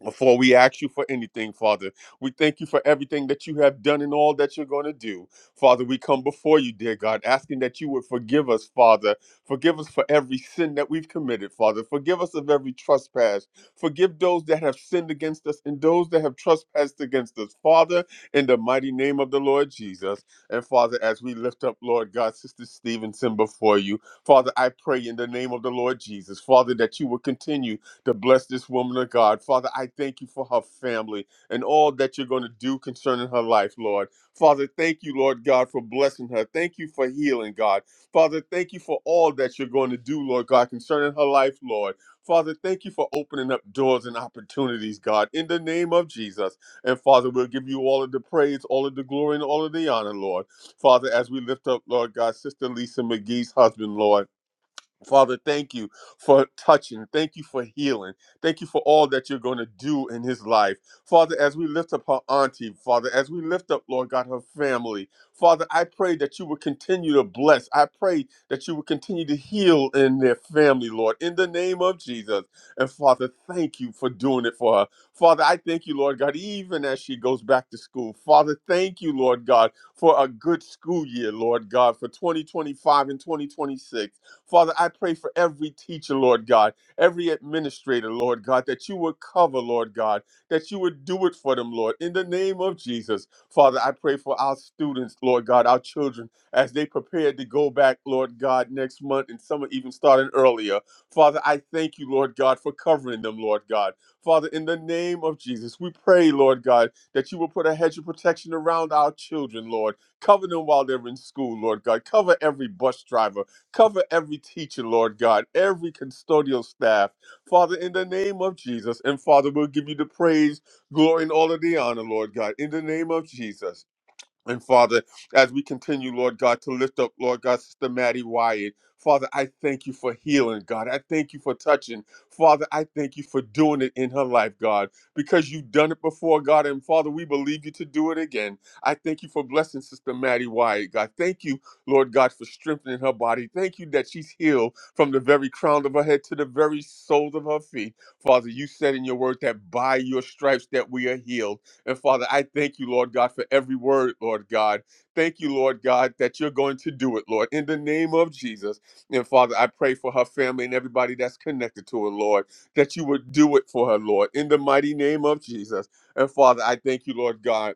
[SPEAKER 1] Before we ask you for anything, Father, we thank you for everything that you have done and all that you're going to do. Father, we come before you, dear God, asking that you would forgive us, Father. Forgive us for every sin that we've committed, Father. Forgive us of every trespass. Forgive those that have sinned against us and those that have trespassed against us, Father, in the mighty name of the Lord Jesus. And Father, as we lift up, Lord God, Sister Stevenson before you, Father, I pray in the name of the Lord Jesus, Father, that you will continue to bless this woman of God. Father, I thank you for her family and all that you're going to do concerning her life, Lord. Father, thank you, Lord God, for blessing her. Thank you for healing, God. Father, thank you for all that you're going to do, Lord God, concerning her life, Lord. Father, thank you for opening up doors and opportunities, God, in the name of Jesus. And Father, we'll give you all of the praise, all of the glory, and all of the honor, Lord. Father, as we lift up, Lord God, Sister Lisa McGee's husband, Lord. Father, thank you for touching. Thank you for healing. Thank you for all that you're going to do in his life. Father, as we lift up her auntie, Father, as we lift up, Lord God, her family, Father, I pray that you would continue to bless. I pray that you would continue to heal in their family, Lord, in the name of Jesus. And Father, thank you for doing it for her. Father, I thank you, Lord God, even as she goes back to school. Father, thank you, Lord God, for a good school year, Lord God, for 2025 and 2026. Father, I pray for every teacher, Lord God, every administrator, Lord God, that you would cover, Lord God, that you would do it for them, Lord, in the name of Jesus. Father, I pray for our students, Lord God, our children, as they prepare to go back, Lord God, next month, and some are even starting earlier. Father, I thank you, Lord God, for covering them, Lord God. Father, in the name of Jesus, we pray, Lord God, that you will put a hedge of protection around our children, Lord. Cover them while they're in school, Lord God. Cover every bus driver. Cover every teacher, Lord God, every custodial staff. Father, in the name of Jesus. And Father, we'll give you the praise, glory, and all of the honor, Lord God, in the name of Jesus. And Father, as we continue, Lord God, to lift up, Lord God, Sister Maddie Wyatt, Father, I thank you for healing, God. I thank you for touching. Father, I thank you for doing it in her life, God, because you've done it before, God. And Father, we believe you to do it again. I thank you for blessing Sister Maddie Wyatt, God. Thank you, Lord God, for strengthening her body. Thank you that she's healed from the very crown of her head to the very soles of her feet. Father, you said in your word that by your stripes that we are healed. And Father, I thank you, Lord God, for every word, Lord God. Thank you, Lord God, that you're going to do it, Lord, in the name of Jesus. And Father, I pray for her family and everybody that's connected to her, Lord, that you would do it for her, Lord, in the mighty name of Jesus. And Father, I thank you, Lord God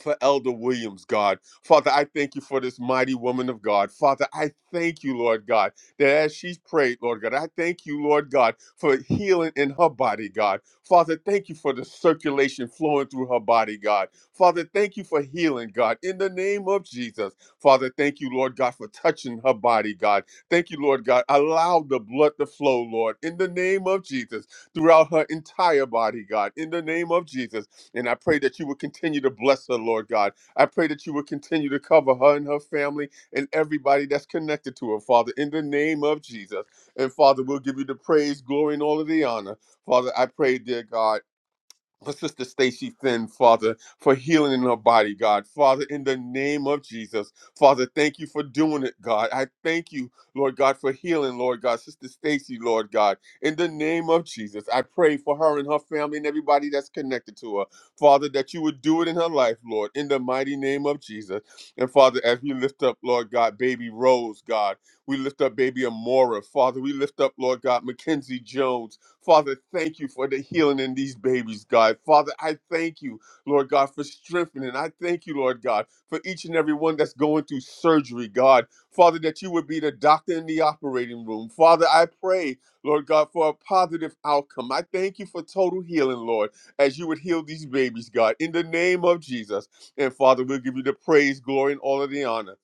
[SPEAKER 1] for Elder Williams, God. Father, I thank you for this mighty woman of God. Father, I thank you, Lord God, that as she's prayed, Lord God, I thank you, Lord God, for healing in her body, God. Father, thank you for the circulation flowing through her body, God. Father, thank you for healing, God, in the name of Jesus. Father, thank you, Lord God, for touching her body, God. Thank you, Lord God. Allow the blood to flow, Lord, in the name of Jesus, throughout her entire body, God, in the name of Jesus. And I pray that you would continue to bless her, Lord God. I pray that you would continue to cover her and her family and everybody that's connected to her, Father, in the name of Jesus. And Father, we'll give you the praise, glory, and all of the honor. Father, I pray, dear God for Sister Stacy Finn, Father, for healing in her body, God. Father, in the name of Jesus, Father, thank you for doing it, God. I thank you, Lord God, for healing, Lord God. Sister Stacy, Lord God, in the name of Jesus, I pray for her and her family and everybody that's connected to her, Father, that you would do it in her life, Lord, in the mighty name of Jesus. And Father, as we lift up, Lord God, baby Rose, God, we lift up baby Amora, Father, we lift up, Lord God, Mackenzie Jones. Father, thank you for the healing in these babies, God. Father, I thank you, Lord God, for strengthening. I thank you, Lord God, for each and every one that's going through surgery, God. Father, that you would be the doctor in the operating room. Father, I pray, Lord God, for a positive outcome. I thank you for total healing, Lord, as you would heal these babies, God, in the name of Jesus. And Father, we'll give you the praise, glory, and all of the honor.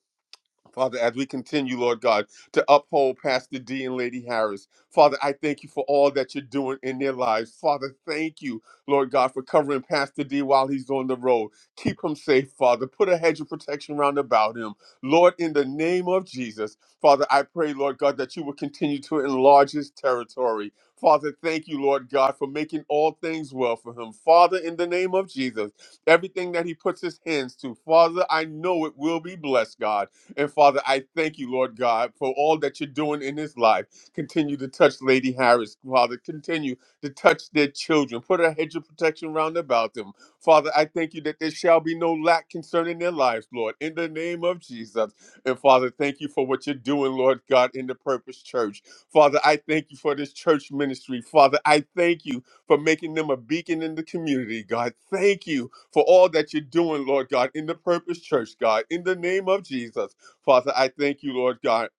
[SPEAKER 1] Father, as we continue, Lord God, to uphold Pastor D and Lady Harris, Father, I thank you for all that you're doing in their lives. Father, thank you, Lord God, for covering Pastor D while he's on the road. Keep him safe, Father. Put a hedge of protection round about him. Lord, in the name of Jesus, Father, I pray, Lord God, that you will continue to enlarge his territory. Father, thank you, Lord God, for making all things well for him. Father, in the name of Jesus, everything that he puts his hands to, Father, I know it will be blessed, God. And Father, I thank you, Lord God, for all that you're doing in his life. Continue to touch Lady Harris, Father. Continue to touch their children. Put a hedge of protection round about them. Father, I thank you that there shall be no lack concerning their lives, Lord, in the name of Jesus. And Father, thank you for what you're doing, Lord God, in the Purpose Church. Father, I thank you for this church ministry. Father, I thank you for making them a beacon in the community, God. Thank you for all that you're doing, Lord God, in the Purpose Church, God, in the name of Jesus. Father, I thank you, Lord God.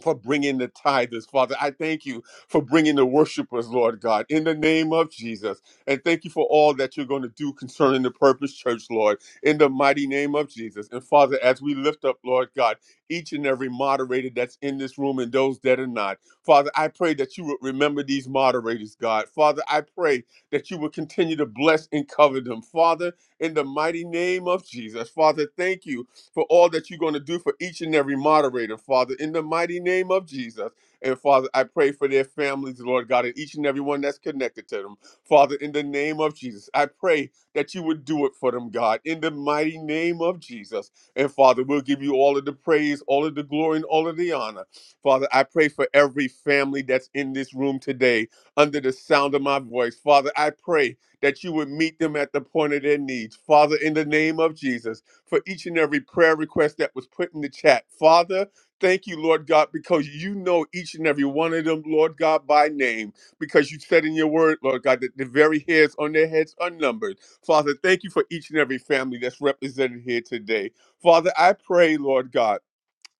[SPEAKER 1] For bringing the tithers, Father. I thank you for bringing the worshipers, Lord God, in the name of Jesus. And thank you for all that you're going to do concerning the Purpose Church, Lord, in the mighty name of Jesus. And Father, as we lift up, Lord God, each and every moderator that's in this room and those that are not, Father, I pray that you would remember these moderators, God. Father, I pray that you would continue to bless and cover them, Father, in the mighty name of Jesus. Father, thank you for all that you're going to do for each and every moderator, Father, in the mighty name of Jesus. And Father, I pray for their families, Lord God, and each and every one that's connected to them. Father, in the name of Jesus, I pray that you would do it for them, God, in the mighty name of Jesus. And Father, we'll give you all of the praise, all of the glory, and all of the honor. Father, I pray for every family that's in this room today under the sound of my voice. Father, I pray that you would meet them at the point of their needs. Father, in the name of Jesus, for each and every prayer request that was put in the chat. Father, thank you, Lord God, because you know each and every one of them, Lord God, by name, because you said in your word, Lord God, that the very hairs on their heads are numbered. Father, thank you for each and every family that's represented here today. Father, I pray, Lord God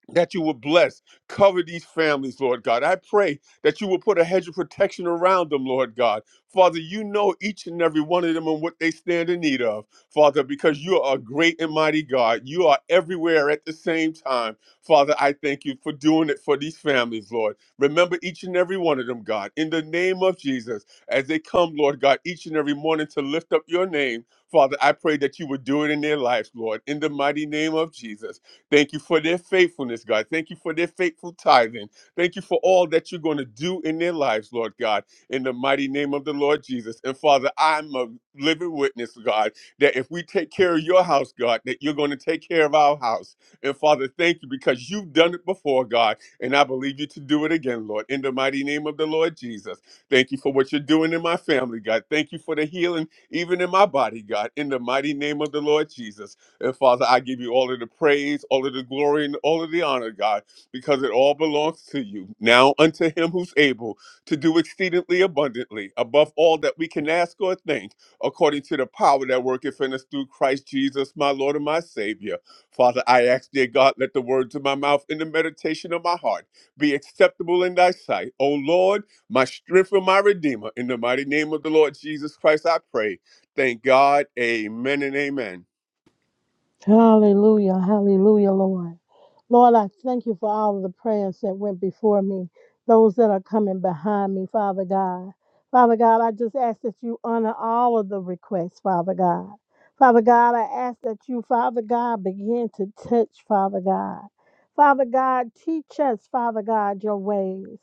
[SPEAKER 1] that you will bless, cover these families, Lord God. I pray that you will put a hedge of protection around them, Lord God. Father, you know each and every one of them and what they stand in need of, Father, because you are a great and mighty God. You are everywhere at the same time. Father, I thank you for doing it for these families, Lord. Remember each and every one of them, God, in the name of Jesus, as they come, Lord God, each and every morning to lift up your name. Father, I pray that you would do it in their lives, Lord, in the mighty name of Jesus. Thank you for their faithfulness, God. Thank you for their faithful tithing. Thank you for all that you're going to do in their lives, Lord God, in the mighty name of the Lord Jesus. And Father, I'm a living witness, God, that if we take care of your house, God, that you're going to take care of our house. And Father, thank you because you've done it before, God, and I believe you to do it again, Lord, in the mighty name of the Lord Jesus. Thank you for what you're doing in my family, God. Thank you for the healing, even in my body, God, in the mighty name of the Lord Jesus. And Father, I give you all of the praise, all of the glory, and all of the honor, God, because it all belongs to you. Now unto him who's able to do exceedingly abundantly, above all that we can ask or think, according to the power that worketh in us through Christ Jesus, my Lord and my Savior. Father, I ask, dear God, let the words of my mouth and the meditation of my heart be acceptable in thy sight. O Lord, my strength and my redeemer. In the mighty name of the Lord Jesus Christ, I pray. Thank God. Amen and amen.
[SPEAKER 4] Hallelujah. Hallelujah, Lord. Lord, I thank you for all of the prayers that went before me, those that are coming behind me, Father God. Father God, I just ask that you honor all of the requests, Father God. Father God, I ask that you, Father God, begin to touch, Father God. Father God, teach us, Father God, your ways.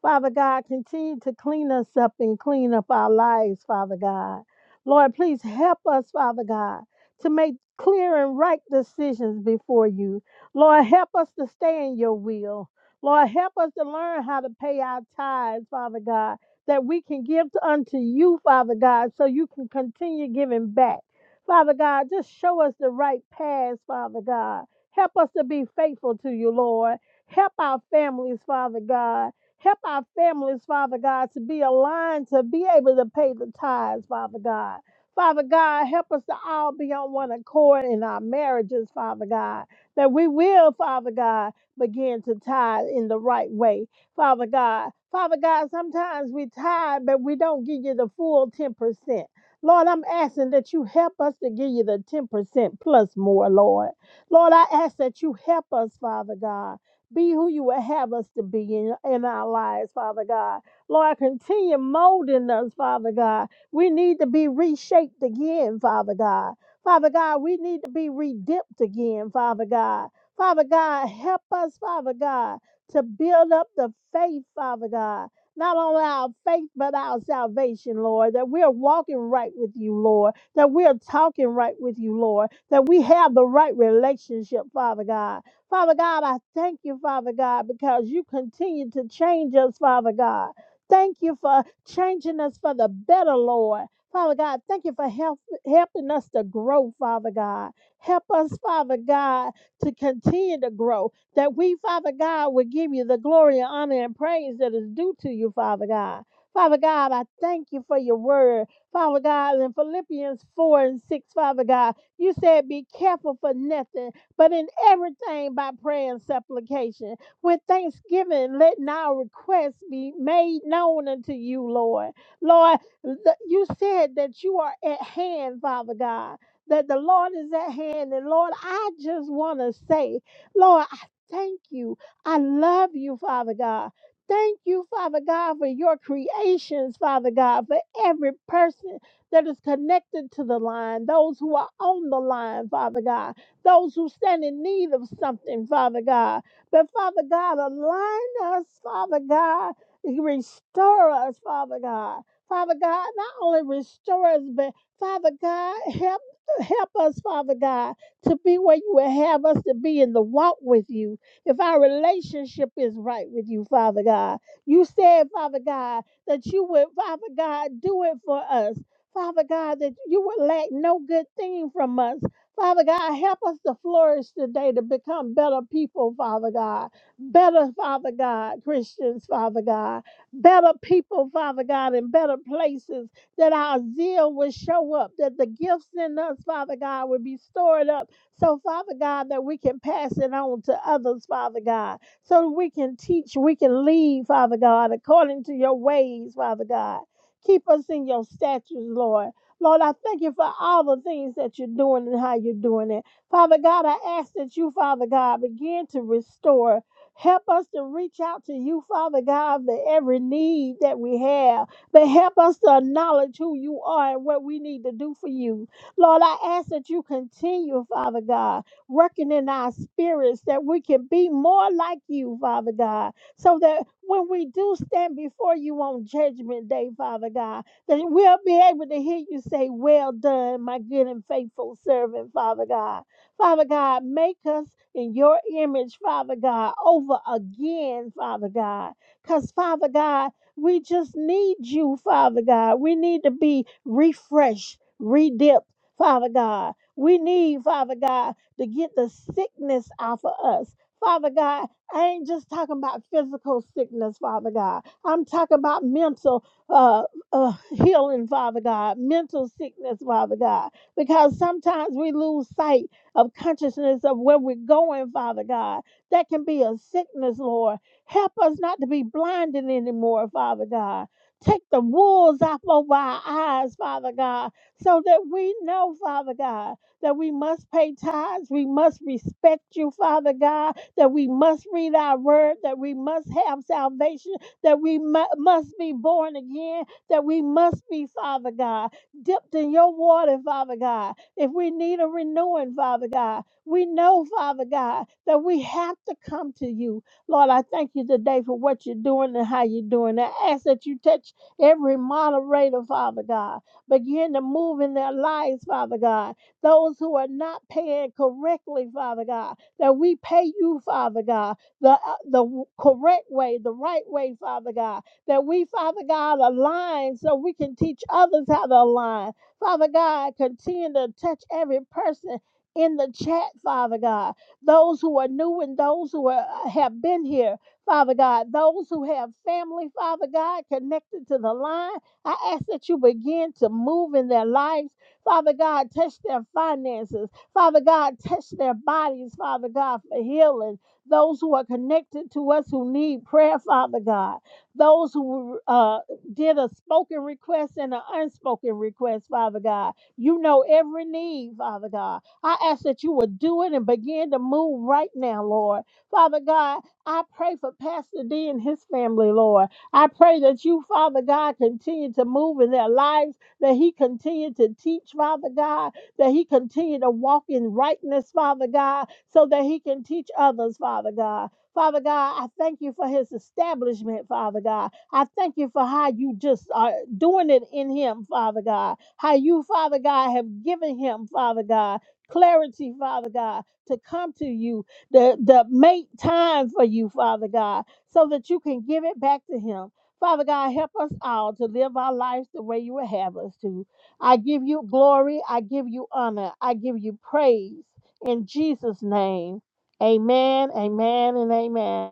[SPEAKER 4] Father God, continue to clean us up and clean up our lives, Father God. Lord, please help us, Father God, to make clear and right decisions before you. Lord, help us to stay in your will. Lord, help us to learn how to pay our tithes, Father God, that we can give to- unto you, Father God, so you can continue giving back. Father God, just show us the right path, Father God. Help us to be faithful to you, Lord. Help our families, Father God. Help our families, Father God, to be aligned, to be able to pay the tithes, Father God. Father God, help us to all be on one accord in our marriages, Father God that we will, Father God, begin to tithe in the right way, Father God. Father God, sometimes we tithe, but we don't give you the full 10%. Lord, I'm asking that you help us to give you the 10% plus more, Lord. Lord, I ask that you help us, Father God. Be who you would have us to be in, in our lives, Father God. Lord, continue molding us, Father God. We need to be reshaped again, Father God. Father God, we need to be redeemed again, Father God. Father God, help us, Father God, to build up the faith, Father God. Not only our faith, but our salvation, Lord, that we're walking right with you, Lord, that we're talking right with you, Lord, that we have the right relationship, Father God. Father God, I thank you, Father God, because you continue to change us, Father God. Thank you for changing us for the better, Lord. Father God, thank you for help, helping us to grow, Father God. Help us, Father God, to continue to grow, that we, Father God, will give you the glory, honor, and praise that is due to you, Father God. Father God, I thank you for your word. Father God, in Philippians 4 and 6, Father God, you said, Be careful for nothing, but in everything by prayer and supplication. With thanksgiving, let our requests be made known unto you, Lord. Lord, that you said that you are at hand, Father God, that the Lord is at hand. And Lord, I just want to say, Lord, I thank you. I love you, Father God. Thank you, Father God, for your creations, Father God, for every person that is connected to the line, those who are on the line, Father God, those who stand in need of something, Father God. But Father God, align us, Father God, restore us, Father God. Father God, not only restore us, but Father God, help help us, Father God, to be where you would have us to be in the walk with you. If our relationship is right with you, Father God, you said, Father God, that you would, Father God, do it for us. Father God, that you would lack no good thing from us. Father God, help us to flourish today to become better people, Father God. Better, Father God, Christians, Father God better people, Father God, in better places, that our zeal will show up, that the gifts in us, Father God, will be stored up. So, Father God, that we can pass it on to others, Father God, so that we can teach, we can lead, Father God, according to your ways, Father God. Keep us in your statutes, Lord. Lord, I thank you for all the things that you're doing and how you're doing it. Father God, I ask that you, Father God, begin to restore. Help us to reach out to you, Father God, for every need that we have. But help us to acknowledge who you are and what we need to do for you. Lord, I ask that you continue, Father God, working in our spirits that we can be more like you, Father God, so that when we do stand before you on Judgment Day, Father God, that we'll be able to hear you say, Well done, my good and faithful servant, Father God. Father God, make us in your image, Father God, over again, Father God. Because, Father God, we just need you, Father God. We need to be refreshed, redipped, Father God. We need, Father God, to get the sickness off of us. Father God, I ain't just talking about physical sickness, Father God. I'm talking about mental uh, uh, healing, Father God, mental sickness, Father God because sometimes we lose sight of consciousness of where we're going, Father God. That can be a sickness, Lord. Help us not to be blinded anymore, Father God. Take the wolves off of our eyes, Father God, so that we know, Father God, that we must pay tithes, we must respect you, Father God, that we must read our word, that we must have salvation, that we mu- must be born again, that we must be, Father God, dipped in your water, Father God if we need a renewing, Father God, we know, Father God, that we have to come to you. Lord, I thank you today for what you're doing and how you're doing. I ask that you touch every moderator, Father God. Begin to move in their lives, Father God. Those who are not paying correctly, Father God, that we pay you, Father God, the, uh, the w- correct way, the right way, Father God. That we, Father God, align so we can teach others how to align Father God, continue to touch every person in the chat, Father God. Those who are new and those who are, uh, have been here, Father God. Those who have family, Father God, connected to the line. I ask that you begin to move in their lives. Father God, touch their finances. Father God, touch their bodies, Father God, for healing. Those who are connected to us who need prayer, Father God. Those who uh, did a spoken request and an unspoken request, Father God. You know every need, Father God. I ask that you would do it and begin to move right now, Lord. Father God, I pray for Pastor D and his family, Lord. I pray that you, Father God, continue to move in their lives, that he continue to teach, Father God, that he continue to walk in rightness, Father God, so that he can teach others, Father God. Father God, I thank you for his establishment, Father God. I thank you for how you just are doing it in him, Father God. How you, Father God, have given him, Father God, clarity, Father God, to come to you, to, to make time for you, Father God, so that you can give it back to him. Father God, help us all to live our lives the way you would have us to. I give you glory. I give you honor. I give you praise. In Jesus' name, amen, amen, and amen.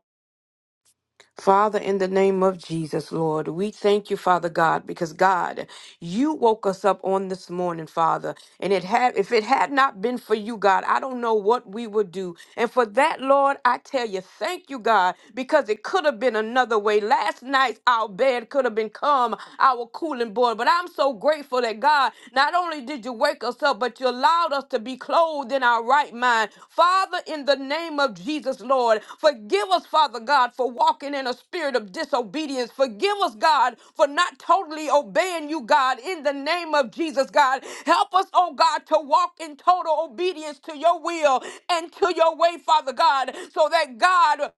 [SPEAKER 2] Father, in the name of Jesus, Lord, we thank you, Father God, because God, you woke us up on this morning, Father. And it had if it had not been for you, God, I don't know what we would do. And for that, Lord, I tell you, thank you, God, because it could have been another way. Last night our bed could have been calm, our cooling board. But I'm so grateful that God, not only did did you wake us up, but you allowed us to be clothed in our right mind. Father, in the name of Jesus, Lord, forgive us, Father God, for walking in a spirit of disobedience. Forgive us, God, for not totally obeying you, God, in the name of Jesus, God. Help us, oh God, to walk in total obedience to your will and to your way, Father God, so that God,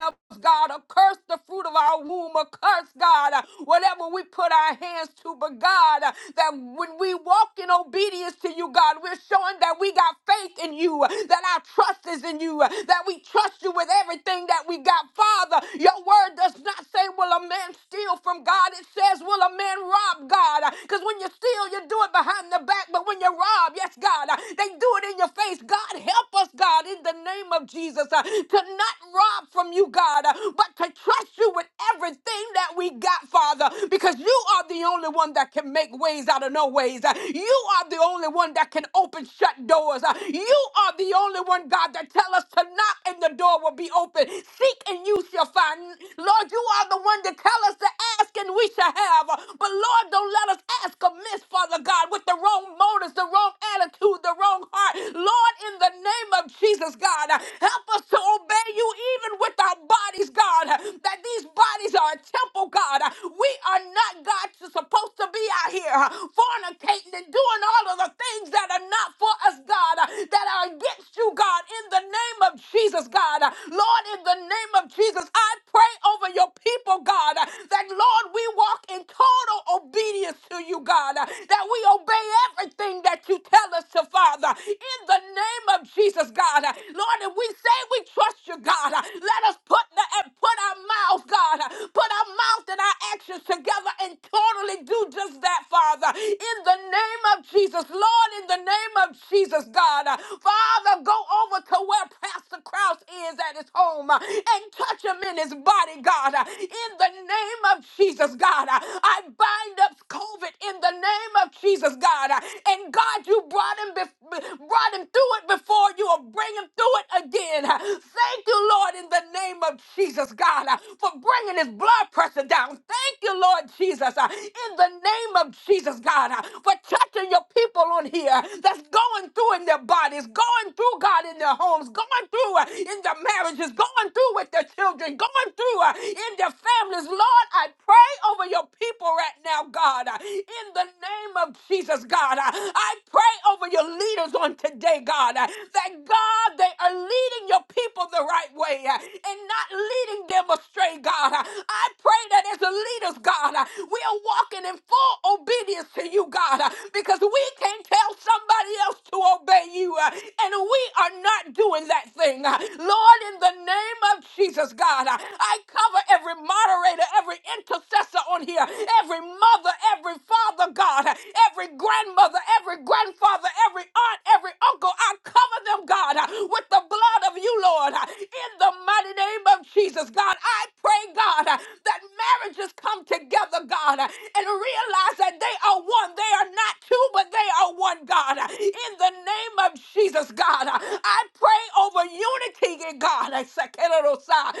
[SPEAKER 2] of God, or curse the fruit of our womb, or curse, God, uh, whatever we put our hands to. But God, uh, that when we walk in obedience to you, God, we're showing that we got faith in you, uh, that our trust is in you, uh, that we trust you with everything that we got. Father, your word does not say, Will a man steal from God? It says, Will a man rob God? Because when you steal, you do it behind the back, but when you rob, yes, God, uh, they do it in your face. God, help us, God, in the name of Jesus. Uh, to not rob from you, God, uh, but to trust you with everything that we got, Father, because you are the only one that can make ways out of no ways. Uh, You are the only one that can open shut doors. Uh, You are the only one, God, that tell us to knock and the door will be open. Seek and you shall find. Lord, you are the one that tell us to ask and we shall have. Uh, But Lord, don't let us ask amiss, Father God, with the wrong motives, the wrong attitude, the wrong heart. Lord, in the name of Jesus. Jesus, God. Help us to obey you even with our bodies, God. That these bodies are a temple, God. We are not, God, supposed to be out here fornicating and doing all of the things that are not for us, God, that are against you, God, in the name of Jesus, God. Lord, in the name of Jesus, I pray over your people, God, that, Lord, we walk in total obedience to you, God, that we obey everything that you tell us to, Father, in the the name of Jesus, God. Lord, if we say we trust you, God, let us put the and put our mouth, God, put our mouth and our actions together and totally do just that, Father. In the name of Jesus, Lord, in the name of Jesus, God, Father, go over to where Pastor Krause is at his home and touch him in his body, God. In the name of Jesus, God, I bind up COVID in the name of Jesus, God. And God, you you brought him, bef- brought him through it before, you will bring him through it again. Thank you, Lord, in the name of Jesus, God, for bringing his blood pressure down. Thank you, Lord Jesus, in the name of Jesus, God, for touching your people on here that's going through in their bodies, going through, God, in their homes, going through uh, in their marriages, going through with their children, going through uh, in their families. Lord, I pray over your people right now, God, uh, in the name of Jesus. Jesus, God. I I pray over your leaders on today, God, uh, that God, they are leading your people the right way uh, and not leading them astray, God. Uh, I pray that as the leaders, God, uh, we are walking in full obedience to you, God, uh, because we can't tell somebody else to obey you, uh, and we are not doing that thing. Uh, Lord, in the name of Jesus, God, uh, I cover every moderator, every intercessor on here, every mother, every and Father God, every grandmother, every grandfather, every aunt, every uncle, I cover them, God, with the blood of you, Lord, in the mighty name of Jesus, God. I pray, God, that marriages come together, God, and realize that they are one. They are not two, but they are one, God. In the name of Jesus, God, I pray over unity, God.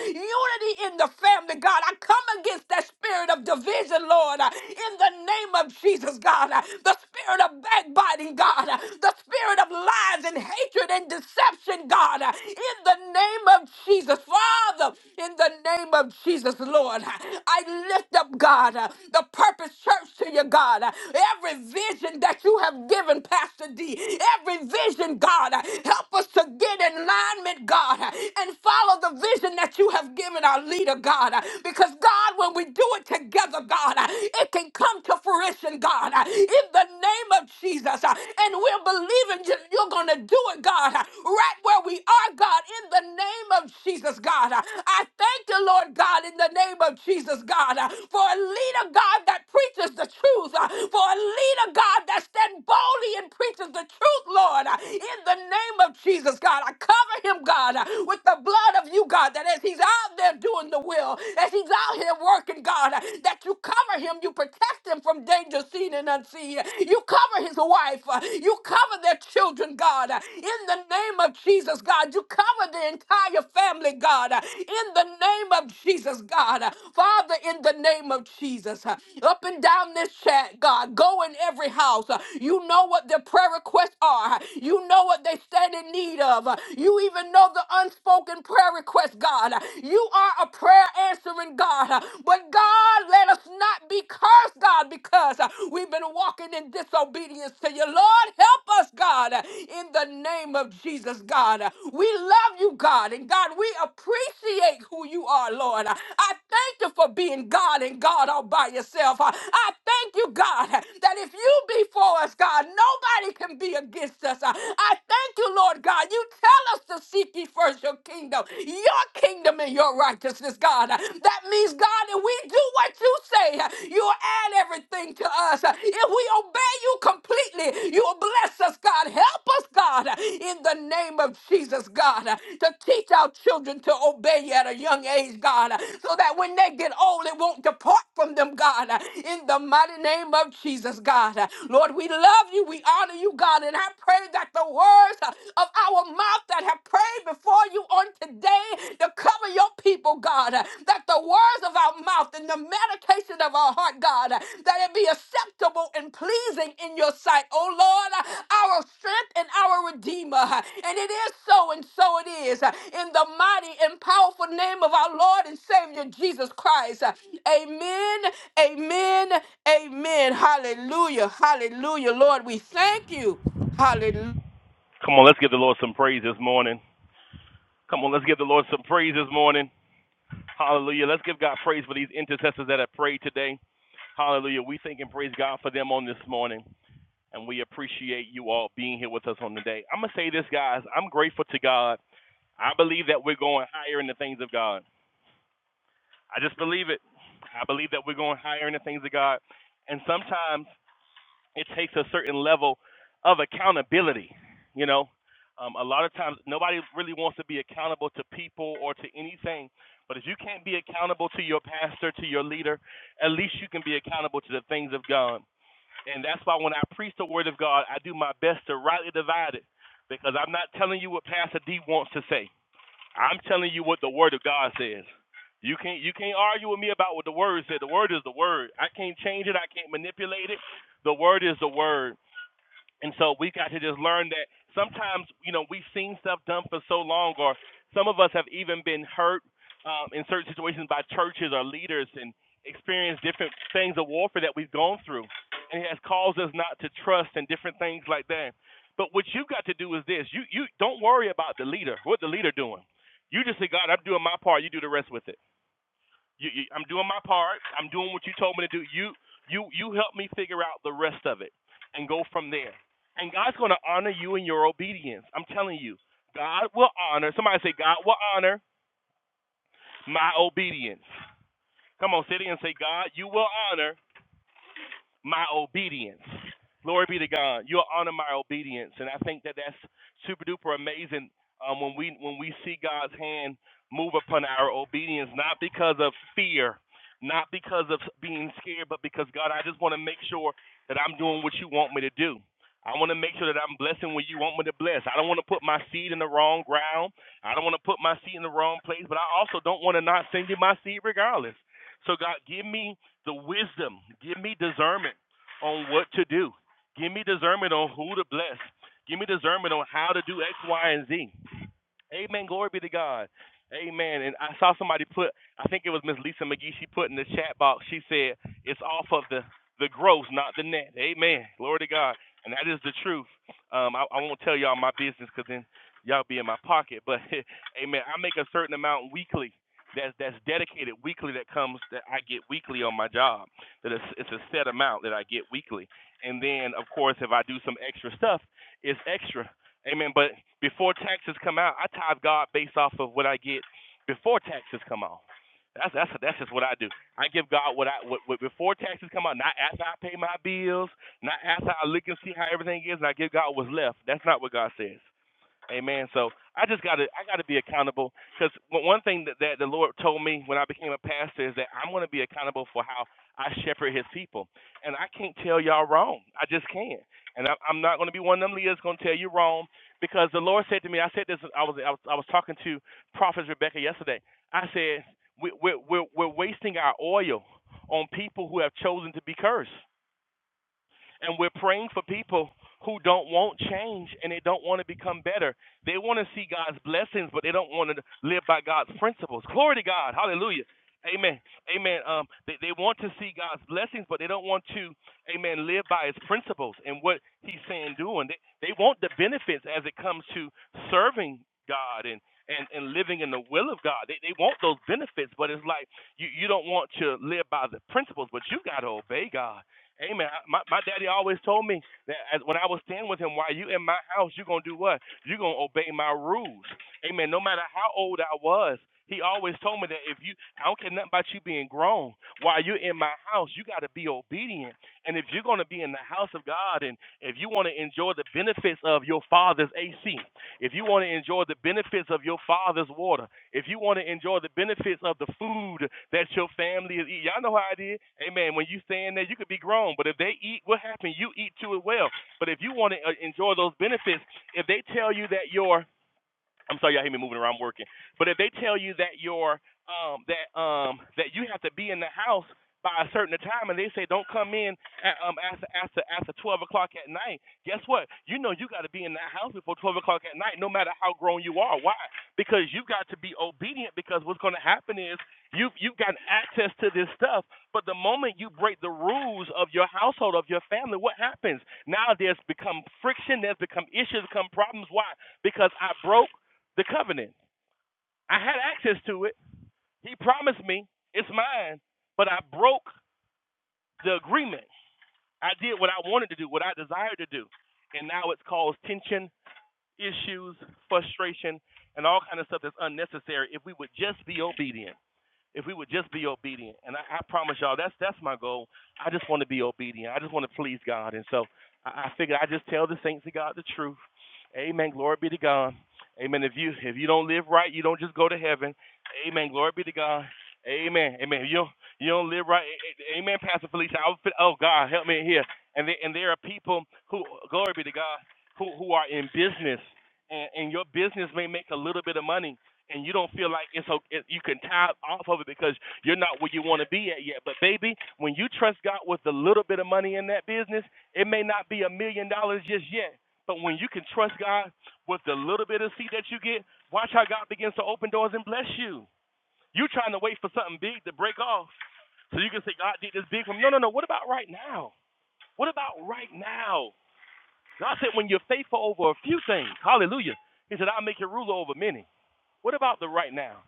[SPEAKER 2] Unity in the family, God. I come against that spirit of division, the Lord uh, in the name of Jesus, God. uh, The spirit of backbiting, God. uh, The spirit of lies and hatred and deception, God. uh, In the name of Jesus, Father, in the name of Jesus, Lord. uh, I lift up, God, uh, the purpose church to you, God. uh, Every vision that you have given, Pastor D, every vision, God, uh, help us to get in alignment, God, uh, and follow the vision that you have given our leader, God, uh, because God will when we do it together, God, uh, it can come to fruition, God, uh, in the name of Jesus. uh, And we're believing you- you're going to do it, God, uh, right where we are, God, in the name of Jesus, God. Uh, I thank you, Lord God, in the name of Jesus, God, uh, for a leader, God, that preaches the truth, uh, for a leader, God, that stands boldly and preaches the truth, Lord, uh, in the name of Jesus, God. I cover him, God, uh, with the blood of you, God, that as he's out there doing the the will, as he's out here working, God, that you cover him, you protect him from danger seen and unseen. You cover his wife, you cover their children, God, in the name of Jesus, God. You cover the entire family, God, in the name of Jesus, God. Father, in the name of Jesus, up and down this chat, God, go in every house. You know what their prayer requests are, you know what they stand in need of, you even know the unspoken prayer requests. God. You are a prayer answering God. But God, let us not be cursed, God, because uh, we've been walking in disobedience to you. Lord, help us, God, uh, in the name of Jesus, God. Uh, We love you, God, and God, we appreciate who you are, Lord. Uh, I thank you for being God and God all by yourself. Uh, I thank you, God, uh, that if you be for us, God, nobody can be against us. Uh, I thank you, Lord God. You tell us to seek ye first your kingdom, your kingdom and your righteousness, God. That means, God, if we do what you say, you'll add everything to us. If we obey you completely, you'll bless us, God. Help us, God, in the name of Jesus, God, to teach our children to obey you at a young age, God, so that when they get old, it won't depart from them, God, in the mighty name of Jesus, God. Lord, we love you, we honor you, God, and I pray that the words of our our mouth that have prayed before you on today to cover your people, God. That the words of our mouth and the meditation of our heart, God, that it be acceptable and pleasing in your sight, oh Lord, our strength and our redeemer. And it is so, and so it is. In the mighty and powerful name of our Lord and Savior Jesus Christ. Amen, amen, amen. Hallelujah, hallelujah. Lord, we thank you. Hallelujah.
[SPEAKER 5] Come on, let's give the Lord some praise this morning. Come on, let's give the Lord some praise this morning. Hallelujah. Let's give God praise for these intercessors that have prayed today. Hallelujah. We thank and praise God for them on this morning. And we appreciate you all being here with us on the day. I'm going to say this, guys. I'm grateful to God. I believe that we're going higher in the things of God. I just believe it. I believe that we're going higher in the things of God. And sometimes It takes a certain level of accountability. You know, um, a lot of times nobody really wants to be accountable to people or to anything. But if you can't be accountable to your pastor, to your leader, at least you can be accountable to the things of God. And that's why when I preach the word of God, I do my best to rightly divide it because I'm not telling you what Pastor D wants to say. I'm telling you what the word of God says. You can't you can't argue with me about what the word said. The word is the word. I can't change it. I can't manipulate it. The word is the word. And so we got to just learn that sometimes, you know, we've seen stuff done for so long, or some of us have even been hurt um, in certain situations by churches or leaders and experienced different things of warfare that we've gone through. And it has caused us not to trust and different things like that. But what you've got to do is this you, you don't worry about the leader, what the leader doing. You just say, God, I'm doing my part, you do the rest with it. You, you, I'm doing my part. I'm doing what you told me to do. You, you, you help me figure out the rest of it and go from there. And God's going to honor you in your obedience. I'm telling you, God will honor. Somebody say, God will honor my obedience. Come on, sit in and say, God, you will honor my obedience. Glory be to God. You'll honor my obedience, and I think that that's super duper amazing um, when we when we see God's hand move upon our obedience, not because of fear, not because of being scared, but because God, I just want to make sure that I'm doing what you want me to do. I want to make sure that I'm blessing where you want me to bless. I don't want to put my seed in the wrong ground. I don't want to put my seed in the wrong place, but I also don't want to not send you my seed regardless. So God, give me the wisdom. Give me discernment on what to do. Give me discernment on who to bless. Give me discernment on how to do X, Y, and Z. Amen. Glory be to God. Amen. And I saw somebody put, I think it was Miss Lisa McGee, she put in the chat box, she said, it's off of the, the gross, not the net. Amen. Glory to God. And that is the truth. Um, I, I won't tell y'all my business because then y'all be in my pocket. But, amen, I make a certain amount weekly that's, that's dedicated weekly that comes, that I get weekly on my job. That it's, it's a set amount that I get weekly. And then, of course, if I do some extra stuff, it's extra Amen. But before taxes come out, I tithe God based off of what I get before taxes come out. That's that's that's just what I do. I give God what I what, what before taxes come out, not after I pay my bills, not after I look and see how everything is, and I give God what's left. That's not what God says. Amen. So I just got to I got to be accountable because one thing that, that the Lord told me when I became a pastor is that I'm going to be accountable for how I shepherd His people, and I can't tell y'all wrong. I just can't, and I, I'm not going to be one of them leaders going to tell you wrong because the Lord said to me. I said this. I was I was, I was talking to Prophet Rebecca yesterday. I said we, we're we're we're wasting our oil on people who have chosen to be cursed. And we're praying for people who don't want change and they don't want to become better. They want to see God's blessings, but they don't want to live by God's principles. Glory to God. Hallelujah. Amen. Amen. Um, they, they want to see God's blessings, but they don't want to, amen, live by his principles and what he's saying doing. They, they want the benefits as it comes to serving God and, and, and living in the will of God. They, they want those benefits, but it's like you, you don't want to live by the principles, but you got to obey God. Amen. My, my daddy always told me that as, when I was staying with him, while you in my house, you're going to do what? You're going to obey my rules. Amen. No matter how old I was, he always told me that if you, I don't care nothing about you being grown, while you're in my house, you got to be obedient. And if you're going to be in the house of God and if you want to enjoy the benefits of your father's AC, if you want to enjoy the benefits of your father's water, if you want to enjoy the benefits of the food that your family is eating, y'all know how it is. Amen. When you stand there, you could be grown, but if they eat, what happened? You eat too as well. But if you want to uh, enjoy those benefits, if they tell you that your I'm sorry, y'all hear me moving around I'm working. But if they tell you that your um that um that you have to be in the house by a certain time, and they say don't come in at, um after after after 12 o'clock at night, guess what? You know you got to be in that house before 12 o'clock at night, no matter how grown you are. Why? Because you've got to be obedient. Because what's going to happen is you you've got access to this stuff, but the moment you break the rules of your household of your family, what happens? Now there's become friction. There's become issues. Become problems. Why? Because I broke the covenant. I had access to it. He promised me it's mine, but I broke the agreement. I did what I wanted to do, what I desired to do, and now it's caused tension, issues, frustration, and all kind of stuff that's unnecessary. If we would just be obedient, if we would just be obedient. And I, I promise y'all, that's that's my goal. I just want to be obedient. I just want to please God. And so I, I figured I just tell the saints of God the truth. Amen. Glory be to God. Amen. If you if you don't live right, you don't just go to heaven. Amen. Glory be to God. Amen. Amen. If you don't, you don't live right. Amen. Pastor Felicia. I would, oh God, help me in here. And there, and there are people who glory be to God who who are in business, and, and your business may make a little bit of money and you don't feel like it's o- you can tap off of it because you're not where you want to be at yet. But baby, when you trust God with a little bit of money in that business, it may not be a million dollars just yet. But when you can trust God with the little bit of seed that you get, watch how God begins to open doors and bless you. You trying to wait for something big to break off so you can say God did this big for me. No, no, no. What about right now? What about right now? God said when you're faithful over a few things, Hallelujah. He said I'll make you ruler over many. What about the right now?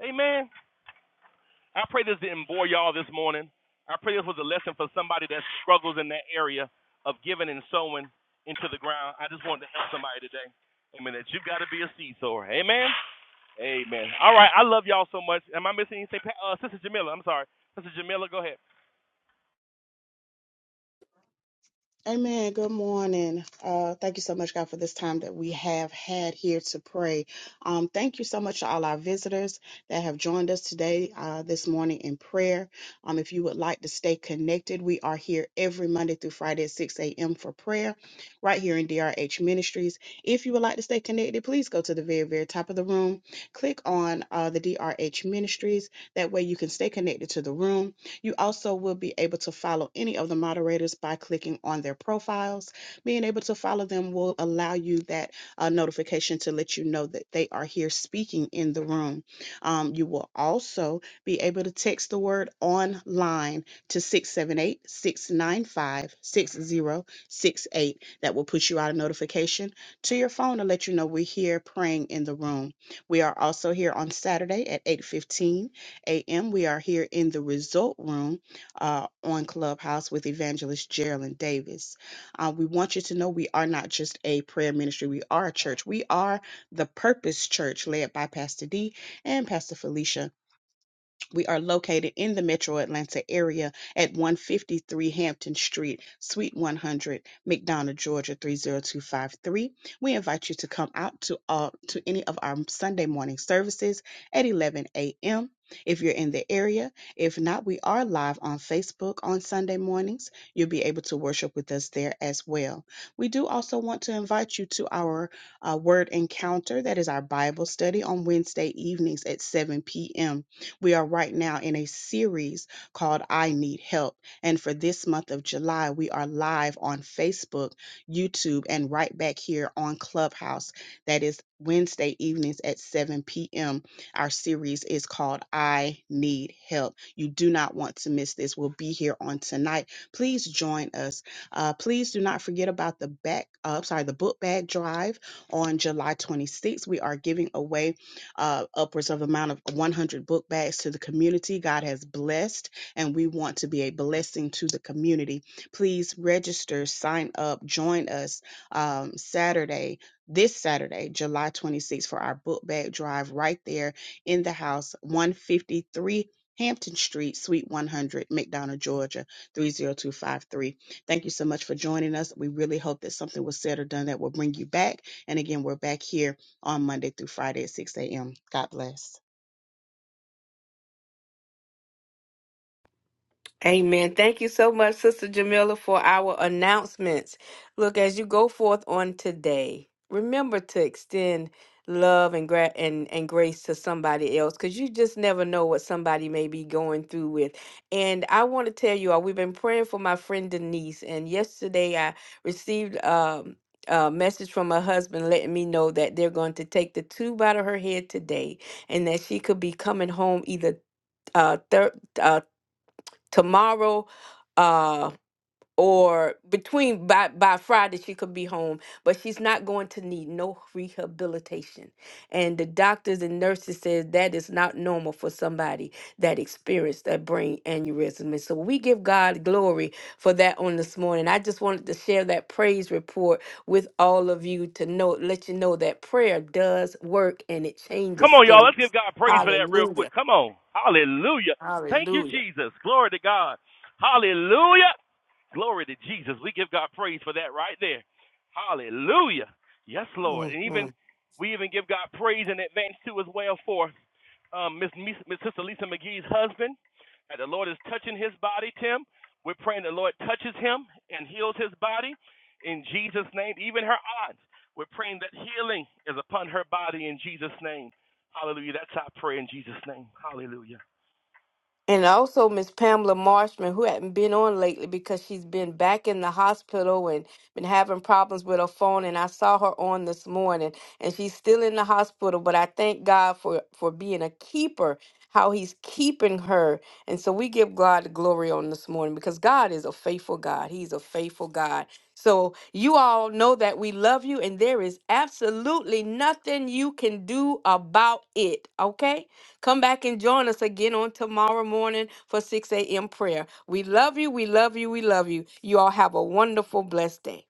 [SPEAKER 5] Amen. I pray this didn't bore y'all this morning. I pray this was a lesson for somebody that struggles in that area of giving and sowing into the ground. I just wanted to help somebody today. Amen. That you have got to be a seed sower. Amen. Amen. All right. I love y'all so much. Am I missing anything? Uh, Sister Jamila, I'm sorry. Sister Jamila, go ahead.
[SPEAKER 8] Amen. Good morning. Uh, thank you so much, God, for this time that we have had here to pray. Um, thank you so much to all our visitors that have joined us today, uh, this morning in prayer. Um, if you would like to stay connected, we are here every Monday through Friday at 6 a.m. for prayer, right here in DRH Ministries. If you would like to stay connected, please go to the very, very top of the room, click on uh, the DRH Ministries. That way you can stay connected to the room. You also will be able to follow any of the moderators by clicking on their profiles. Being able to follow them will allow you that uh, notification to let you know that they are here speaking in the room. Um, you will also be able to text the word online to 678 695 6068. That will put you out a notification to your phone to let you know we're here praying in the room. We are also here on Saturday at 8:15 eight a.m. We are here in the Result Room uh, on Clubhouse with Evangelist Geraldine Davis. Uh, we want you to know we are not just a prayer ministry, we are a church. We are the Purpose Church led by Pastor D and Pastor Felicia. We are located in the metro Atlanta area at 153 Hampton Street, Suite 100, McDonough, Georgia 30253. We invite you to come out to all, to any of our Sunday morning services at 11 a.m. If you're in the area, if not, we are live on Facebook on Sunday mornings. You'll be able to worship with us there as well. We do also want to invite you to our uh, Word Encounter, that is our Bible study on Wednesday evenings at 7 p.m. We are right now in a series called I Need Help. And for this month of July, we are live on Facebook, YouTube, and right back here on Clubhouse. That is Wednesday evenings at 7 p.m. Our series is called I Need Help. You do not want to miss this. We'll be here on tonight. Please join us. Uh, please do not forget about the back, uh, I'm sorry, the book bag drive on July 26th. We are giving away uh, upwards of amount of 100 book bags to the community. God has blessed, and we want to be a blessing to the community. Please register, sign up, join us um, Saturday, this Saturday, July 26th, for our book bag drive right there in the house, 153 Hampton Street, Suite 100, McDonough, Georgia, 30253. Thank you so much for joining us. We really hope that something was said or done that will bring you back. And again, we're back here on Monday through Friday at 6 a.m. God bless.
[SPEAKER 2] Amen. Thank you so much, Sister Jamila, for our announcements. Look, as you go forth on today, remember to extend love and gra- and, and grace to somebody else because you just never know what somebody may be going through with. And I want to tell you all, we've been praying for my friend Denise, and yesterday I received um, a message from her husband letting me know that they're going to take the tube out of her head today and that she could be coming home either uh, Thursday tomorrow uh or between by by Friday she could be home but she's not going to need no rehabilitation and the doctors and nurses says that is not normal for somebody that experienced that brain aneurysm and so we give God glory for that on this morning I just wanted to share that praise report with all of you to know let you know that prayer does work and it
[SPEAKER 5] Come
[SPEAKER 2] changes
[SPEAKER 5] on, y'all. Let's give
[SPEAKER 2] things
[SPEAKER 5] God praise for that real
[SPEAKER 2] hallelujah
[SPEAKER 5] quick. Come on. Hallelujah. Thank you,
[SPEAKER 2] hallelujah
[SPEAKER 5] Jesus. Glory to God. Hallelujah. Glory to Jesus. We give God praise for that right there. Hallelujah. Yes, Lord. And even we even give God praise in advance too as well for um, Miss Sister Lisa McGee's husband. That the Lord is touching his body, Tim. We're praying the Lord touches him and heals his body in Jesus' name. Even her aunt, we're praying that healing is upon her body in Jesus' name. Hallelujah. That's our prayer in Jesus' name. Hallelujah.
[SPEAKER 2] And also Miss Pamela Marshman, who hadn't been on lately because she's been back in the hospital and been having problems with her phone. And I saw her on this morning, and she's still in the hospital. But I thank God for for being a keeper, how He's keeping her. And so we give God the glory on this morning because God is a faithful God. He's a faithful God. So you all know that we love you, and there is absolutely nothing you can do about it. Okay. Come back and join us again on tomorrow morning for 6 a.m. prayer. We love you. We love you. We love you. You all have a wonderful, blessed day.